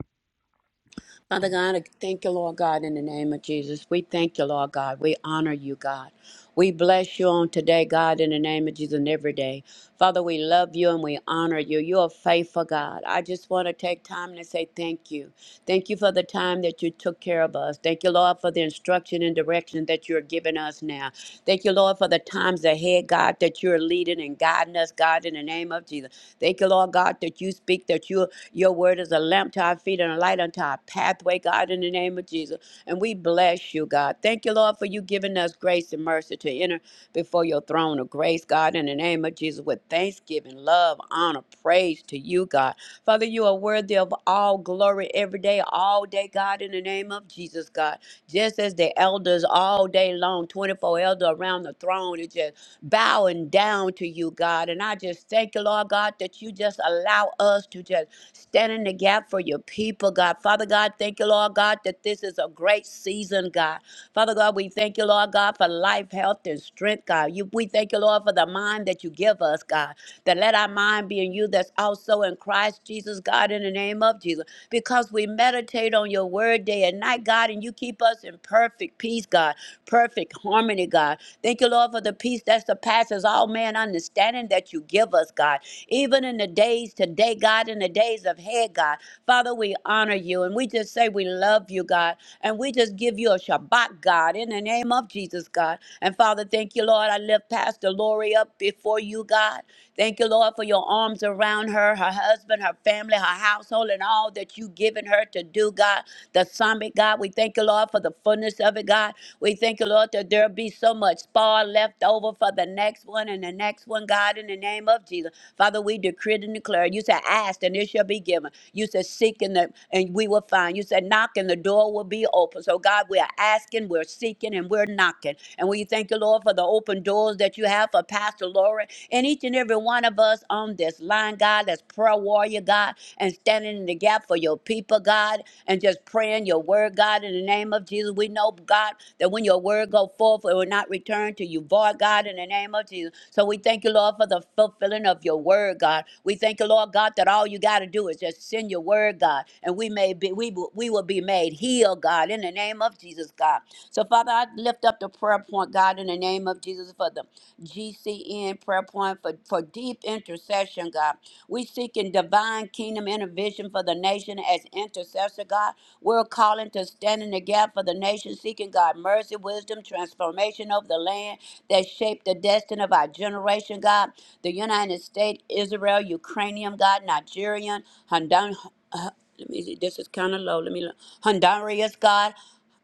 Father God, I thank you, Lord God, in the name of Jesus. We thank you, Lord God. We honor you, God. We bless you on today, God, in the name of Jesus, and every day. Father, we love you and we honor you. You are faithful, God. I just want to take time to say thank you. Thank you for the time that you took care of us. Thank you, Lord, for the instruction and direction that you're giving us now. Thank you, Lord, for the times ahead, God, that you're leading and guiding us, God, in the name of Jesus. Thank you, Lord God, that you speak, that you Your word is a lamp to our feet and a light unto our pathway, God, in the name of Jesus. And we bless you, God. Thank you, Lord, for you giving us grace and mercy to enter before your throne of grace, God, in the name of Jesus, with thanksgiving, love, honor, praise to you, God. Father, you are worthy of all glory every day, all day, God, in the name of Jesus, God. Just as the elders all day long, 24 elder around the throne, is just bowing down to you, God. And I just thank you, Lord God, that you just allow us to just Stand in the gap for your people, God. Father God, thank you, Lord God, that this is a great season, God. Father God, we thank you, Lord God, for life, health, and strength, God. You, we thank you, Lord, for the mind that you give us, God. That let our mind be in you that's also in Christ Jesus, God, in the name of Jesus. Because we meditate on your word day and night, God, and you keep us in perfect peace, God, perfect harmony, God. Thank you, Lord, for the peace that surpasses all man understanding that you give us, God even in the days today, God, in the days of Head, God. Father, we honor you and we just say we love you, God, and we just give you a Shabbat, God, in the name of Jesus, God. And Father, thank you, Lord. I lift Pastor Lori up before you, God. Thank you, Lord, for your arms around her, her husband, her family, her household, and all that you've given her to do, God. The summit, God. We thank you, Lord, for the fullness of it, God. We thank you, Lord, that there'll be so much spar left over for the next one and the next one, God, in the name of Jesus. Father, we decree and declare. You said, ask and it shall be given. You said, seek and, the, and we will find. You said, knock and the door will be open. So, God, we are asking, we're seeking, and we're knocking. And we thank you, Lord, for the open doors that you have for Pastor Laura and each and every one of us on this line, God, that's prayer warrior, God, and standing in the gap for your people, God, and just praying your word, God, in the name of Jesus. We know, God that when your word go forth, it will not return to you void, God, in the name of Jesus. So we thank you, Lord, for the fulfilling of your word, God. We thank you, Lord God, that all you got to do is just send your word, God, and we may be we will, we will be made healed, God, in the name of Jesus, God. So Father, I lift up the prayer point, God, in the name of Jesus, for the GCN prayer point for, for deep intercession, God. We seek in divine kingdom intervention for the nation as intercessor, God. We're calling to stand in the gap for the nation, seeking God mercy, wisdom, transformation of the land that shaped the destiny of our generation, God. The United States, Israel, Ukrainian, God, Nigerian, Honduran. Uh, Let me see, this is kind of low. Let me look. Honduras, God.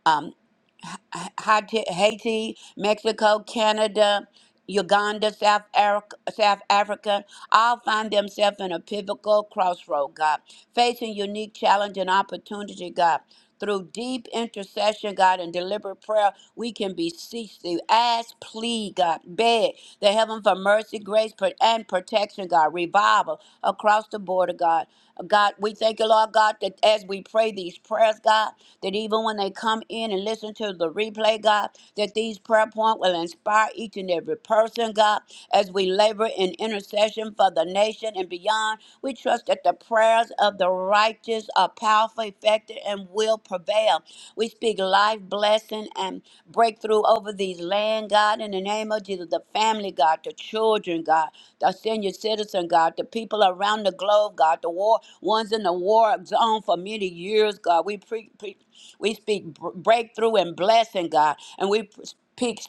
um. Ha- Haiti, Haiti, Mexico, Canada, Uganda, South Africa, South Africa, all find themselves in a pivotal crossroad, God, facing unique challenge and opportunity, God. Through deep intercession, God, and deliberate prayer, we can beseech thee, ask, plead, God, beg the heaven for mercy, grace, pro- and protection, God, revival across the border, God. God, we thank you, Lord God, that as we pray these prayers, God, that even when they come in and listen to the replay, God, that these prayer points will inspire each and every person, God, as we labor in intercession for the nation and beyond. We trust that the prayers of the righteous are powerful, effective, and will prevail. We speak life, blessing, and breakthrough over these land, God, in the name of Jesus, the family, God, the children, God, the senior citizens. God, the people around the globe, God, the war ones in the war zone for many years, God. We pre, pre, we speak br- breakthrough and blessing, God, and we pr- speak peace,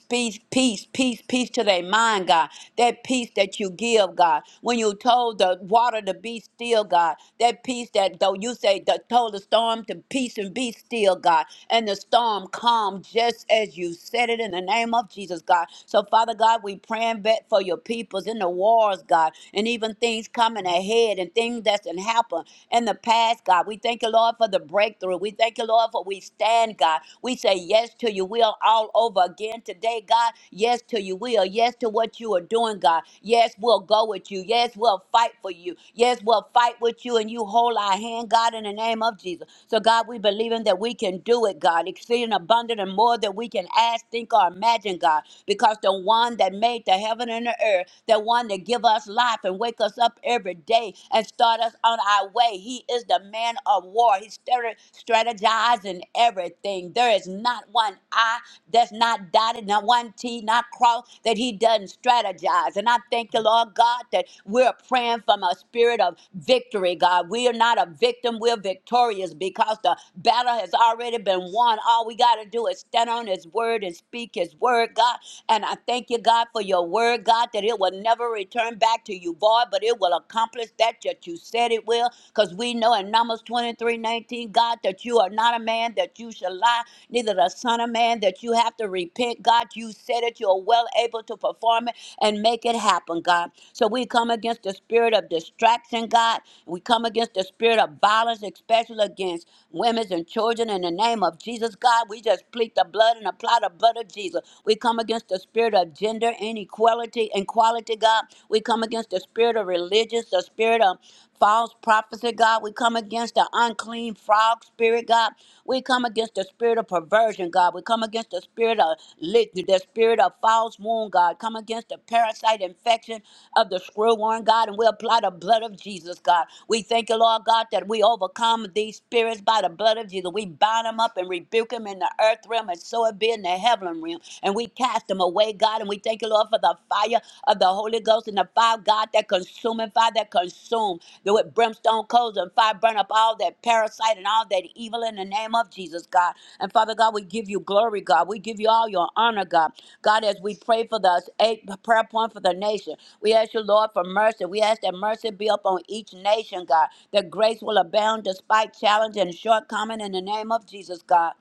peace, peace, peace to their mind, God. That peace that you give, God, when you told the water to be still, God. That peace that though you say that told the storm to peace and be still, God, and the storm calmed just as you said it in the name of Jesus, God. So Father God, we praying back for all your peoples in the wars, God, and even things coming ahead and things that's in happen in the past, God. We thank you, Lord, for the breakthrough. We thank you, Lord, for we stand, God. We say yes to you. We are all over again today, God. Yes to you. We are yes to what you are doing, God. Yes, we'll go with you. Yes, we'll fight for you. Yes, we'll fight with you, and you hold our hand, God, in the name of Jesus. So, God, we believe in that we can do it, God, exceeding abundant and more than we can ask, think, or imagine, God because the one that made the heaven and the earth, the one that give us life and wake us up every day and start us on our way, he is the man of war. He's strate- strategizing everything. There is not one I that's not dotted, not one T, not crossed, that he doesn't strategize. And I thank you, Lord God, that we're praying from a spirit of victory, God. We are not a victim, we're victorious because the battle has already been won. All we got to do is stand on his word and speak his word, God. And I thank you, God, for your word, God, that it will never return back to you, void, but it will accomplish that that you said it will. Because we know in Numbers 23, 19, God, that you are not a man that you shall lie, neither the son of man that you have to repent. God, you said it, you're well able to perform it and make it happen, God. So we come against the spirit of distraction, God. We come against the spirit of violence, especially against women and children. In the name of Jesus, God, we just plead the blood and apply the blood of Jesus. We come against the spirit of gender inequality, inequality, God. We come against the spirit of religious, the spirit of False prophecy, God. We come against the unclean frog spirit, God. We come against the spirit of perversion, God. We come against the spirit of lit, the spirit of false wound, God. Come against the parasite infection of the screwworm, God. And we apply the blood of Jesus, God. We thank you, Lord God, that we overcome these spirits by the blood of Jesus. We bind them up and rebuke them in the earth realm, and so it be in the heavenly realm. And we cast them away, God. And we thank you, Lord. Lord, for the fire of the Holy Ghost and the fire, of God, that consuming fire that consume the with brimstone coals and fire burn up all that parasite and all that evil in the name of Jesus, God. And Father God, we give you glory, God. We give you all your honor, God. God, as we pray for the eight prayer point for the nation, we ask you, Lord, for mercy. We ask that mercy be upon each nation, God, that grace will abound despite challenge and shortcoming in the name of Jesus, God.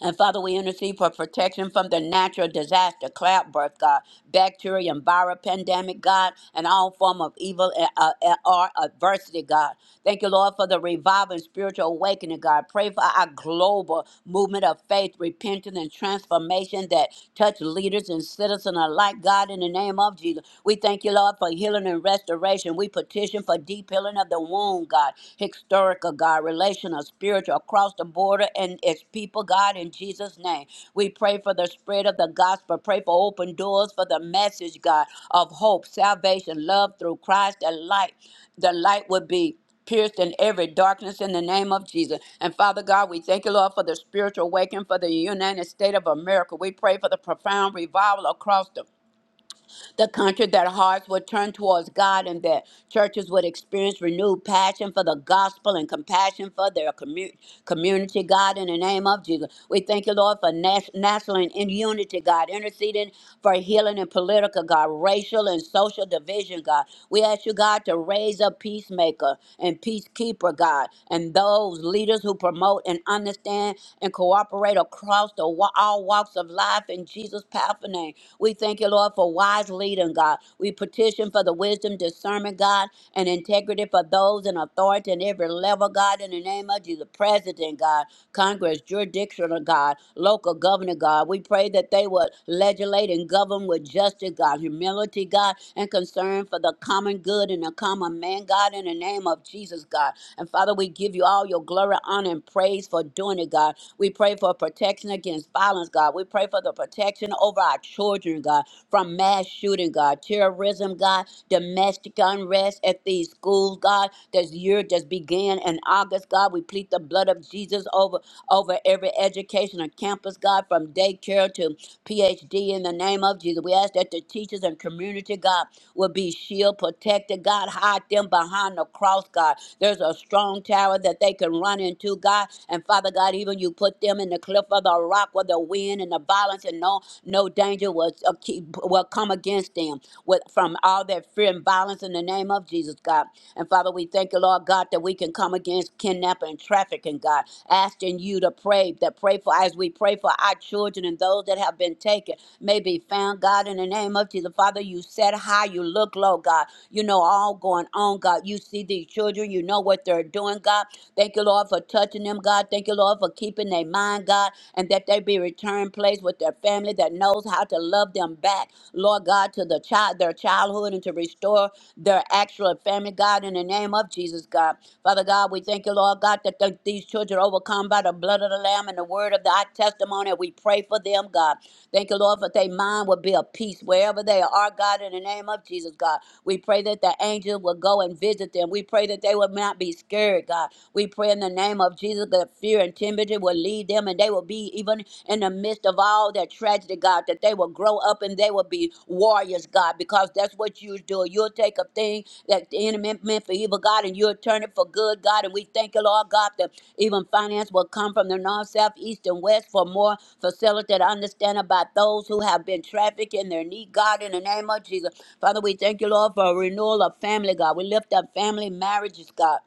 And Father, we intercede for protection from the natural disaster, cloud birth, God, bacteria and viral pandemic, God, and all form of evil uh, uh, eh, or adversity, God. Thank you, Lord, for the revival and spiritual awakening, God. Pray for our global movement of faith, repentance, and transformation that touch leaders and citizens alike, God, in the name of Jesus. We thank you, Lord, for healing and restoration. We petition for deep healing of the the womb, God, historical, God, relational, spiritual, across the border and its people, God, in Jesus' name. We pray for the spread of the gospel. Pray for open doors for the message, God, of hope, salvation, love through Christ and light. The light would be pierced in every darkness in the name of Jesus. And Father God, we thank you, Lord, for the spiritual awakening for the United States of America. We pray for the profound revival across the the country that hearts would turn towards God and that churches would experience renewed passion for the gospel and compassion for their commu- community, God, in the name of Jesus. We thank you, Lord, for nas- national and in unity, God, interceding for healing and political, God, racial and social division, God. We ask you, God, to raise up peacemaker and peacekeeper, God, and those leaders who promote and understand and cooperate across the wa- all walks of life in Jesus' powerful name. We thank you, Lord, for wise leading, God. We petition for the wisdom, discernment, God, and integrity for those in authority in every level, God, in the name of Jesus. President, God, Congress, jurisdictional, God, local governor, God. We pray that they would legislate and govern with justice, God, humility, God, and concern for the common good and the common man, God, in the name of Jesus, God. And Father, we give you all your glory, honor, and praise for doing it, God. We pray for protection against violence, God. We pray for the protection over our children, God, from mass shooting, God, terrorism, God, domestic unrest at these schools, God. This year just began in August, God. We plead the blood of Jesus over over every educational campus, God, from daycare to PhD in the name of Jesus. We ask that the teachers and community, God, will be shield protected. God, hide them behind the cross, God. There's a strong tower that they can run into, God. And Father God, even you put them in the cliff of the rock where the wind and the violence and no no danger will, uh, keep, will come against them with from all that fear and violence in the name of Jesus, God. And Father, we thank you, Lord God, that we can come against kidnapping and trafficking, God. Asking you to pray, that pray for as we pray for our children and those that have been taken may be found, God, in God, in the name of Jesus. Father, you set high, you look low, God. You know all going on, God. You see these children, you know what they're doing, God. Thank you, Lord, for touching them, God. Thank you, Lord, for keeping their mind, God, and that they be returned place with their family that knows how to love them back, Lord God, to the child, their childhood and to restore their actual family, God, in the name of Jesus, God. Father God, we thank you, Lord God, that th- these children are overcome by the blood of the Lamb and the word of thy testimony. We pray for them, God. Thank you, Lord, for their mind will be at peace wherever they are, God, in the name of Jesus, God. We pray that the angels will go and visit them. We pray that they will not be scared, God. We pray in the name of Jesus that fear and timidity will leave them and they will be even in the midst of all that tragedy, God, that they will grow up and they will be warriors, God, because that's what you do. You'll take a thing that the enemy enemy meant for evil, God, and you'll turn it for good, God. And we thank you, Lord God, that even finance will come from the north, south, east, and west for more facilitated understand about those who have been trafficked in their need, God, in the name of Jesus. Father, we thank you, Lord, for a renewal of family, God. We lift up family marriages, God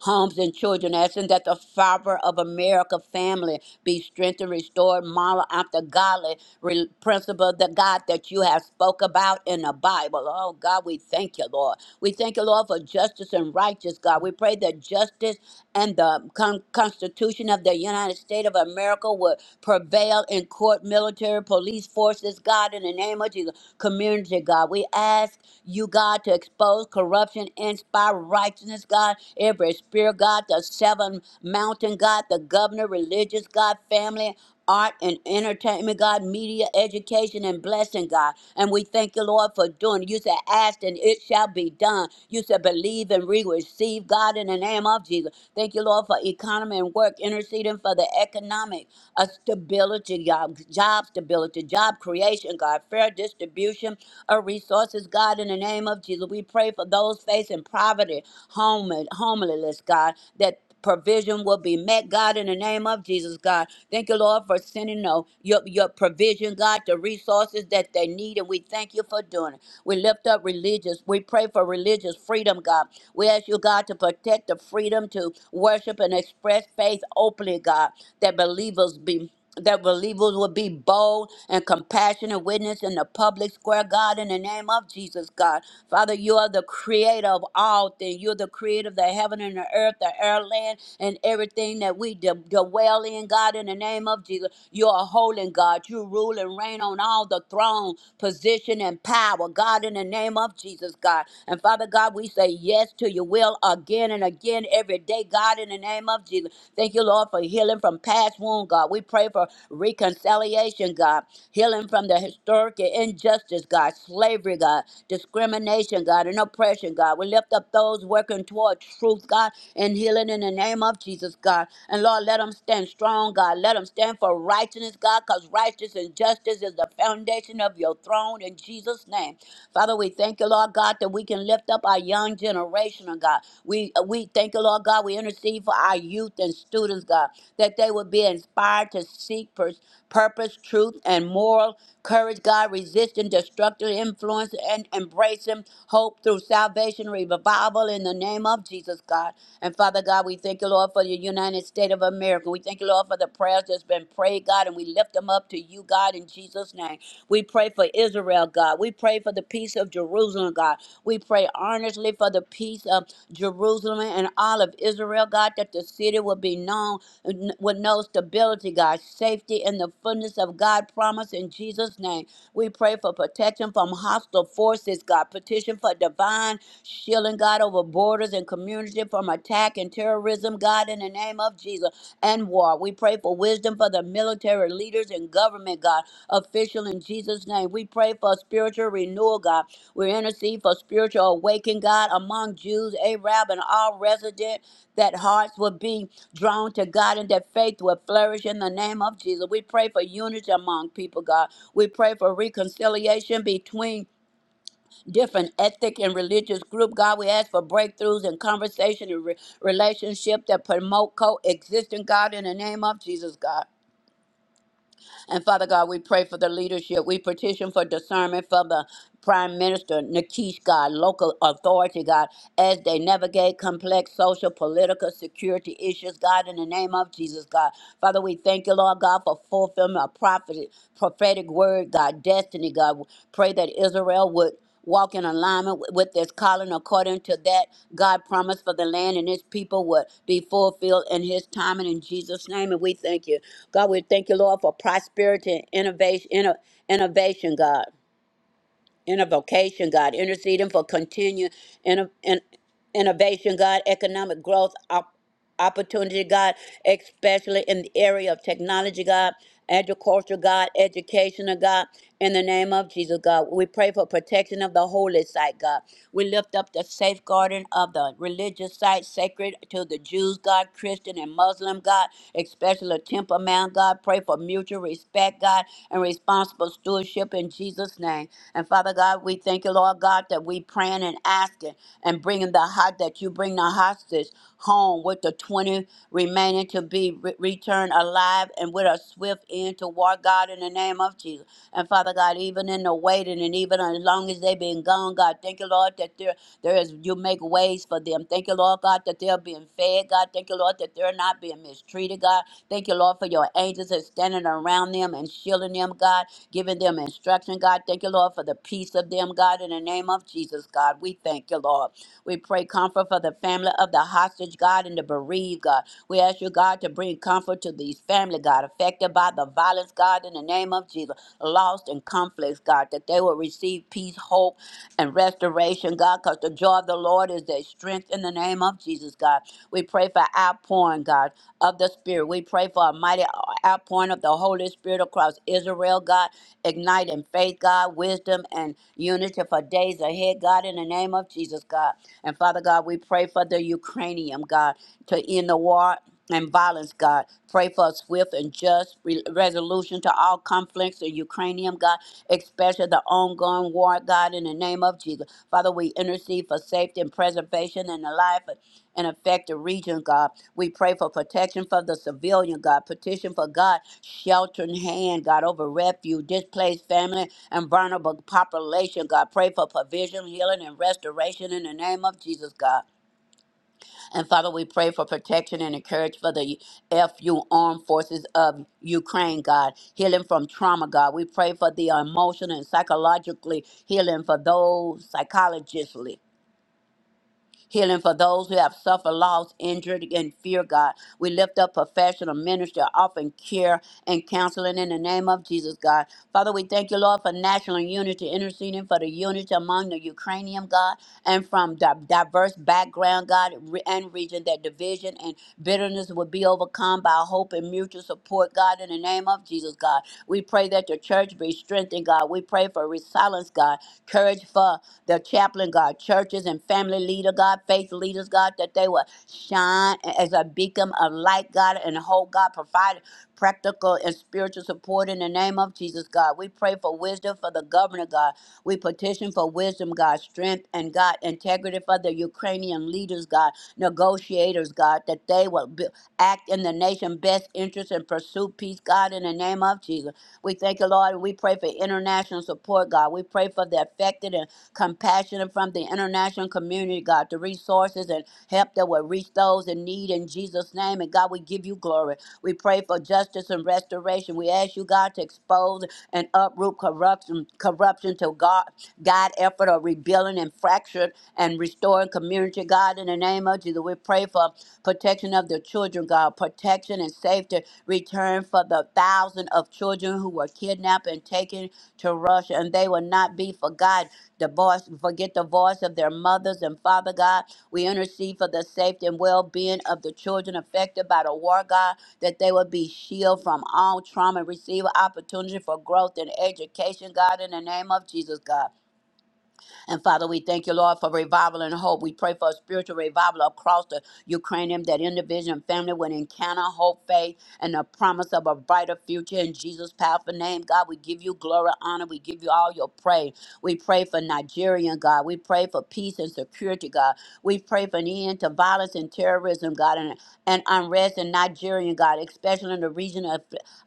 homes and children, asking that the fiber of America family be strengthened, restored, modeled after godly re- principle, the God that you have spoke about in the Bible. Oh God, we thank you, Lord. We thank you, Lord, for justice and righteous God. We pray that justice and the con- Constitution of the United States of America would prevail in court, military, police forces, God, in the name of Jesus, community, God. We ask you you, God, to expose corruption, inspire righteousness, God, every spirit, God, the seven mountain, God, the governor, religious, God, family, art and entertainment, God, media, education, and blessing, God. And we thank you, Lord, for doing it. You said, ask and it shall be done. You said, believe and we receive, God, in the name of Jesus. Thank you, Lord, for economy and work, interceding for the economic uh, stability, God, job stability, job creation, God, fair distribution of resources, God, in the name of Jesus. We pray for those facing poverty, home, homeless, God, that provision will be met, God, in the name of Jesus, God. Thank you, Lord, for sending no, your, your provision, God, the resources that they need, and we thank you for doing it. We lift up religious. We pray for religious freedom, God. We ask you, God, to protect the freedom to worship and express faith openly, God, that believers be that believers will be bold and compassionate witness in the public square, God, in the name of Jesus, God. Father, you are the creator of all things. You're the creator of the heaven and the earth, the air, land, and everything that we d- dwell in, God, in the name of Jesus. You are holy, God. You rule and reign on all the throne, position, and power, God, in the name of Jesus, God. And Father God, we say yes to your will again and again again every day, God, in the name of Jesus. Thank you, Lord, for healing from past wound, God. We pray for reconciliation, God, healing from the historic injustice, God, slavery, God, discrimination, God, and oppression, God. We lift up those working toward truth, God, and healing in the name of Jesus, God. And Lord, let them stand strong, God. Let them stand for righteousness, God, because righteousness and justice is the foundation of your throne in Jesus' name. Father, we thank you, Lord God, that we can lift up our young generation, oh God. We uh, we thank you, Lord God. We intercede for our youth and students, God, that they would be inspired to seek pur- purpose, truth, and moral courage, God, resisting destructive influence and embracing hope through salvation, revival in the name of Jesus, God. And Father God, we thank you, Lord, for the United States of America. We thank you, Lord, for the prayers that's been prayed, God, and we lift them up to you, God, in Jesus' name. We pray for Israel, God. We pray for the peace of Jerusalem, God. We pray earnestly for the peace of Jerusalem and all of Israel, God, that the city will be known with no stability, God, safety and the fullness of God promise in Jesus' name. We pray for protection from hostile forces, God. Petition for divine shielding, God, over borders and community from attack and terrorism, God, in the name of Jesus and war. We pray for wisdom for the military leaders and government, God official in Jesus' name. We pray for spiritual renewal, God. We intercede for spiritual awakening, God, among Jews, Arab, and all resident, that hearts will be drawn to God and that faith will flourish in the name of Jesus. We pray for unity among people, God. We pray for reconciliation between different ethnic and religious group. God, we ask for breakthroughs in conversation and re- relationship that promote coexistence, God, in the name of Jesus, God. And Father God, we pray for the leadership. We petition for discernment for the Prime Minister Nikish, God, local authority, God, as they navigate complex social, political, security issues, God, in the name of Jesus, God. Father, we thank you, Lord God, for fulfillment of prophet, prophetic word, God, destiny, God. Pray that Israel would walk in alignment with with this calling according to that God promised for the land and his people would be fulfilled in his time and in Jesus' name. And we thank you. God, we thank you, Lord, for prosperity and innovation, inno- innovation, God innovation, God, interceding for continued inno- in- innovation, God, economic growth op- opportunity, God, especially in the area of technology, God, agriculture, God, education, oh God, in the name of Jesus, God. We pray for protection of the holy site, God. We lift up the safeguarding of the religious site sacred to the Jews, God, Christian, and and Muslim, God, especially temperament, God. Pray for mutual respect, God, and responsible stewardship in Jesus' name. And Father God, we thank you, Lord God, that we praying and asking and bringing the heart that you bring the hostage home with the 20 remaining to be re- returned alive and with a swift end to war, God, in the name of Jesus. And Father God, even in the waiting and even and even as long as they've been gone, God, thank you, Lord, that there there is you make ways for them. Thank you, Lord God, that they're being fed, God. Thank you, Lord, that they're not being mistreated, God. Thank you, Lord, for your angels that's standing around them and shielding them, God, giving them instruction, God. Thank you, Lord, for the peace of them, God, in the name of Jesus, God. We thank you, Lord. We pray comfort for the family of the hostage, God, and the bereaved, God. We ask you, God, to bring comfort to these family, God, affected by the violence, God, in the name of Jesus lost and conflicts, God, that they will receive peace, hope, and restoration, God, because the joy of the Lord is their strength in the name of Jesus, God. We pray for outpouring, God, of the Spirit. We pray for a mighty outpouring of the Holy Spirit across Israel, God, igniting faith, God, wisdom, and unity for days ahead, God, in the name of Jesus, God. And Father God, we pray for the Ukrainian, God, to end the war and violence, God. Pray for a swift and just re- resolution to all conflicts in Ukrainian, God, especially the ongoing war, God, in the name of Jesus. Father, we intercede for safety and preservation in the life and affected region, God. We pray for protection for the civilian, God. Petition for God, sheltering hand, God, over refuge, displaced family, and vulnerable population, God. Pray for provision, healing, and restoration in the name of Jesus, God. And Father, we pray for protection and encouragement for the FU Armed Forces of Ukraine, God. Healing from trauma, God. We pray for the emotional and psychologically healing for those psychologically. Healing for those who have suffered loss, injured, and fear, God. We lift up professional ministry, offering care and counseling in the name of Jesus, God. Father, we thank you, Lord, for national unity, interceding for the unity among the Ukrainian, God, and from di- diverse background, God, re- and region, that division and bitterness would be overcome by hope and mutual support, God, in the name of Jesus, God. We pray that the church be strengthened, God. We pray for resilience, God, courage for the chaplain, God, churches and family leader, God, faith leaders, God, that they will shine as a beacon of light, God, and hold God, provide practical and spiritual support in the name of Jesus, God. We pray for wisdom for the governor, God. We petition for wisdom, God, strength and God, integrity for the Ukrainian leaders, God, negotiators, God, that they will be, act in the nation's best interest and pursue peace, God, in the name of Jesus. We thank you, Lord, and we pray for international support, God. We pray for the affected and compassion and from the international community, God, the resources and help that will reach those in need in Jesus' name. And God, we give you glory. We pray for justice and restoration. We ask you, God, to expose and uproot corruption, corruption to God, God effort of rebuilding and fractured and restoring community. God, in the name of Jesus, we pray for protection of the children, God, protection and safety. Return for the thousand of children who were kidnapped and taken to Russia, and they will not be forgotten. The voice, forget the voice of their mothers and Father God. We intercede for the safety and well being of the children affected by the war, God, that they will be shielded from all trauma and receive opportunity for growth and education, God, in the name of Jesus, God. And Father, we thank you, Lord, for revival and hope. We pray for a spiritual revival across the Ukrainian that individual and family would encounter hope, faith, and the promise of a brighter future in Jesus' powerful name. God, we give you glory, honor. We give you all your praise. We pray for Nigerian, God. We pray for peace and security, God. We pray for an end to violence and terrorism, God, and, and unrest in Nigerian, God, especially in the region of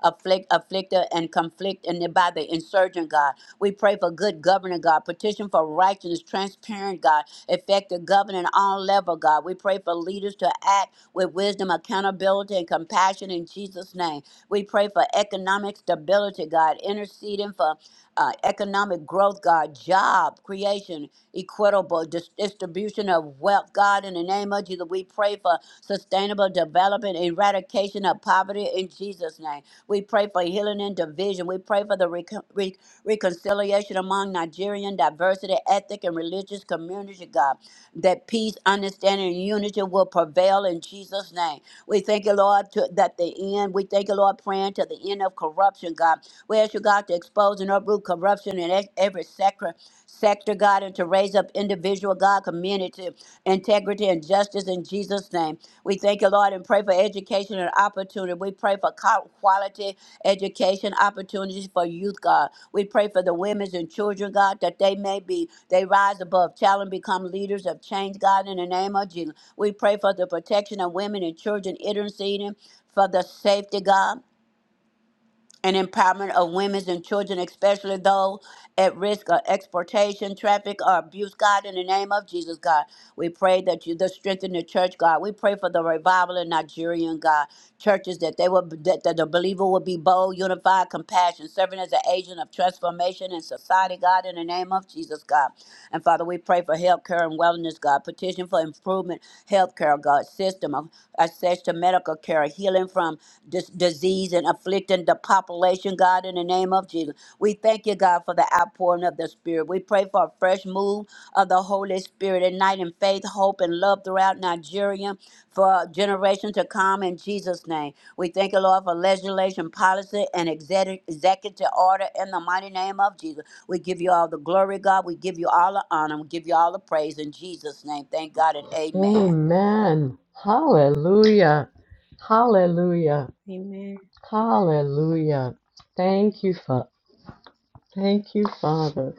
afflict, afflicted and conflict and by the insurgent, God. We pray for good governing, God. Petition for righteousness, transparent, God. Effective governing all level, God. We pray for leaders to act with wisdom, accountability, and compassion in Jesus' name. We pray for economic stability, God. Interceding for uh, economic growth, God. Job creation, equitable dis- distribution of wealth, God. In the name of Jesus, we pray for sustainable development, eradication of poverty in Jesus' name. We pray for healing and division. We pray for the reconciliation among Nigerian diversity, ethnic, and religious community, God, that peace, understanding, and unity will prevail in Jesus' name. We thank you, Lord, to, that the end, we thank you, Lord, praying to the end of corruption, God. We ask you, God, to expose and uproot corruption in e- every sector, sector, God, and to raise up individual, God, community, integrity, and justice in Jesus' name. We thank you, Lord, and pray for education and opportunity. We pray for co- quality education opportunities for youth, God. We pray for the women and children, God, that they may be, they rise above challenge, become leaders of change, God, in the name of Jesus. We pray for the protection of women and children interceding for the safety, God and empowerment of women and children, especially those at risk of exploitation, traffic, or abuse. God, in the name of Jesus, God, we pray that you the strengthen the church, God. We pray for the revival in Nigerian God churches that they will that, that the believer will be bold, unified, compassion, serving as an agent of transformation in society, God. In the name of Jesus, God, and Father, we pray for health care and wellness, God. Petition for improvement healthcare God system, of access to medical care, healing from dis- disease and afflicting the population, God, in the name of Jesus. We thank you, God, for the outpouring of the Spirit. We pray for a fresh move of the Holy Spirit, igniting faith, hope, and love throughout Nigeria for generations to come in Jesus' name. We thank you, Lord, for legislation, policy, and exec- executive order in the mighty name of Jesus. We give you all the glory, God. We give you all the honor. We give you all the praise in Jesus' name. Thank God and amen.
Amen. Hallelujah. Hallelujah.
Amen.
Hallelujah. Thank you, Father. Thank you, Father.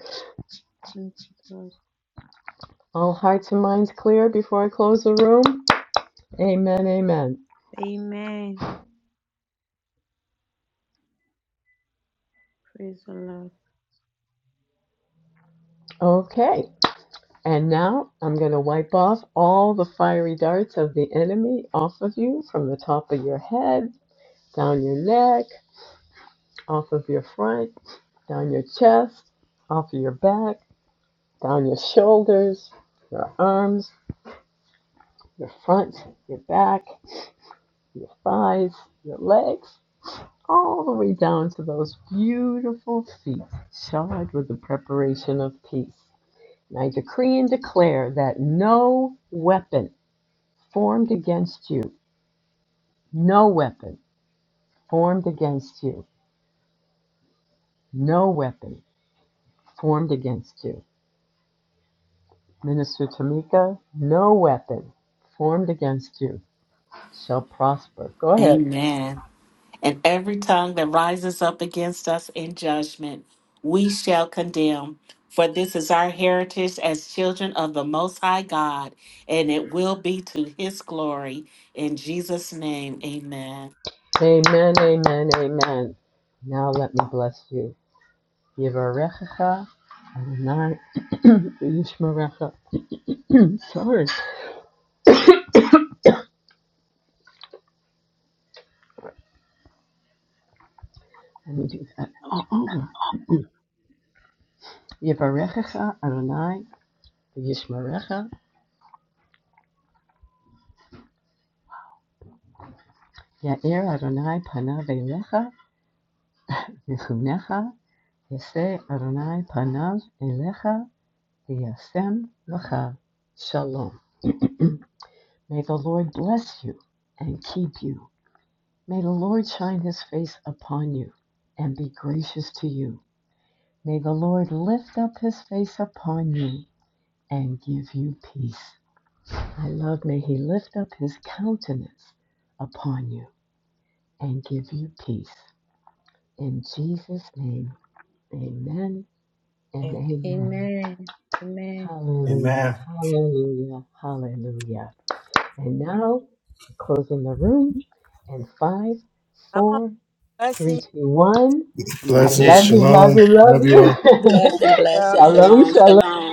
Thank you, Lord.
All hearts and minds clear before I close the room? Amen, amen.
Amen. Praise the Lord.
Okay, and now I'm going to wipe off all the fiery darts of the enemy off of you from the top of your head, down your neck, off of your front, down your chest, off of your back, down your shoulders, your arms, your front, your back, thighs, your legs, all the way down to those beautiful feet shod with the preparation of peace. And I decree and declare that no weapon formed against you, no weapon formed against you, no weapon formed against you. Minister Tamika, no weapon formed against you shall prosper. Go ahead.
Amen. And every tongue that rises up against us in judgment, we shall condemn. For this is our heritage as children of the Most High God, and it will be to his glory. In Jesus' name, amen.
Amen, amen, amen. Now let me bless you. Yivarechecha Adonai v'yishmerecha. I'm sorry. Let me do that all over. Yivarechecha Adonai v'yishmerecha Ya'er Adonai panav elecha nichunecha yaseh Adonai panav elecha v'yasem lecha shalom. May the Lord bless you and keep you. May the Lord shine his face upon you and be gracious to you. May the Lord lift up his face upon you and give you peace. I love, may he lift up his countenance upon you and give you peace. In Jesus' name, amen and
Amen.
amen.
Amen. Amen.
Hallelujah,
Amen.
hallelujah, hallelujah. And now, closing the room in five, four,
Bless
three, two, one. I
Blessings.
love
Amen.
you,
Hallelujah.
love
Shalom.
you, love
Love you
you.
all.
Blessing, blessing.
Blessing.
shalom,
Shalom,
shalom.
shalom.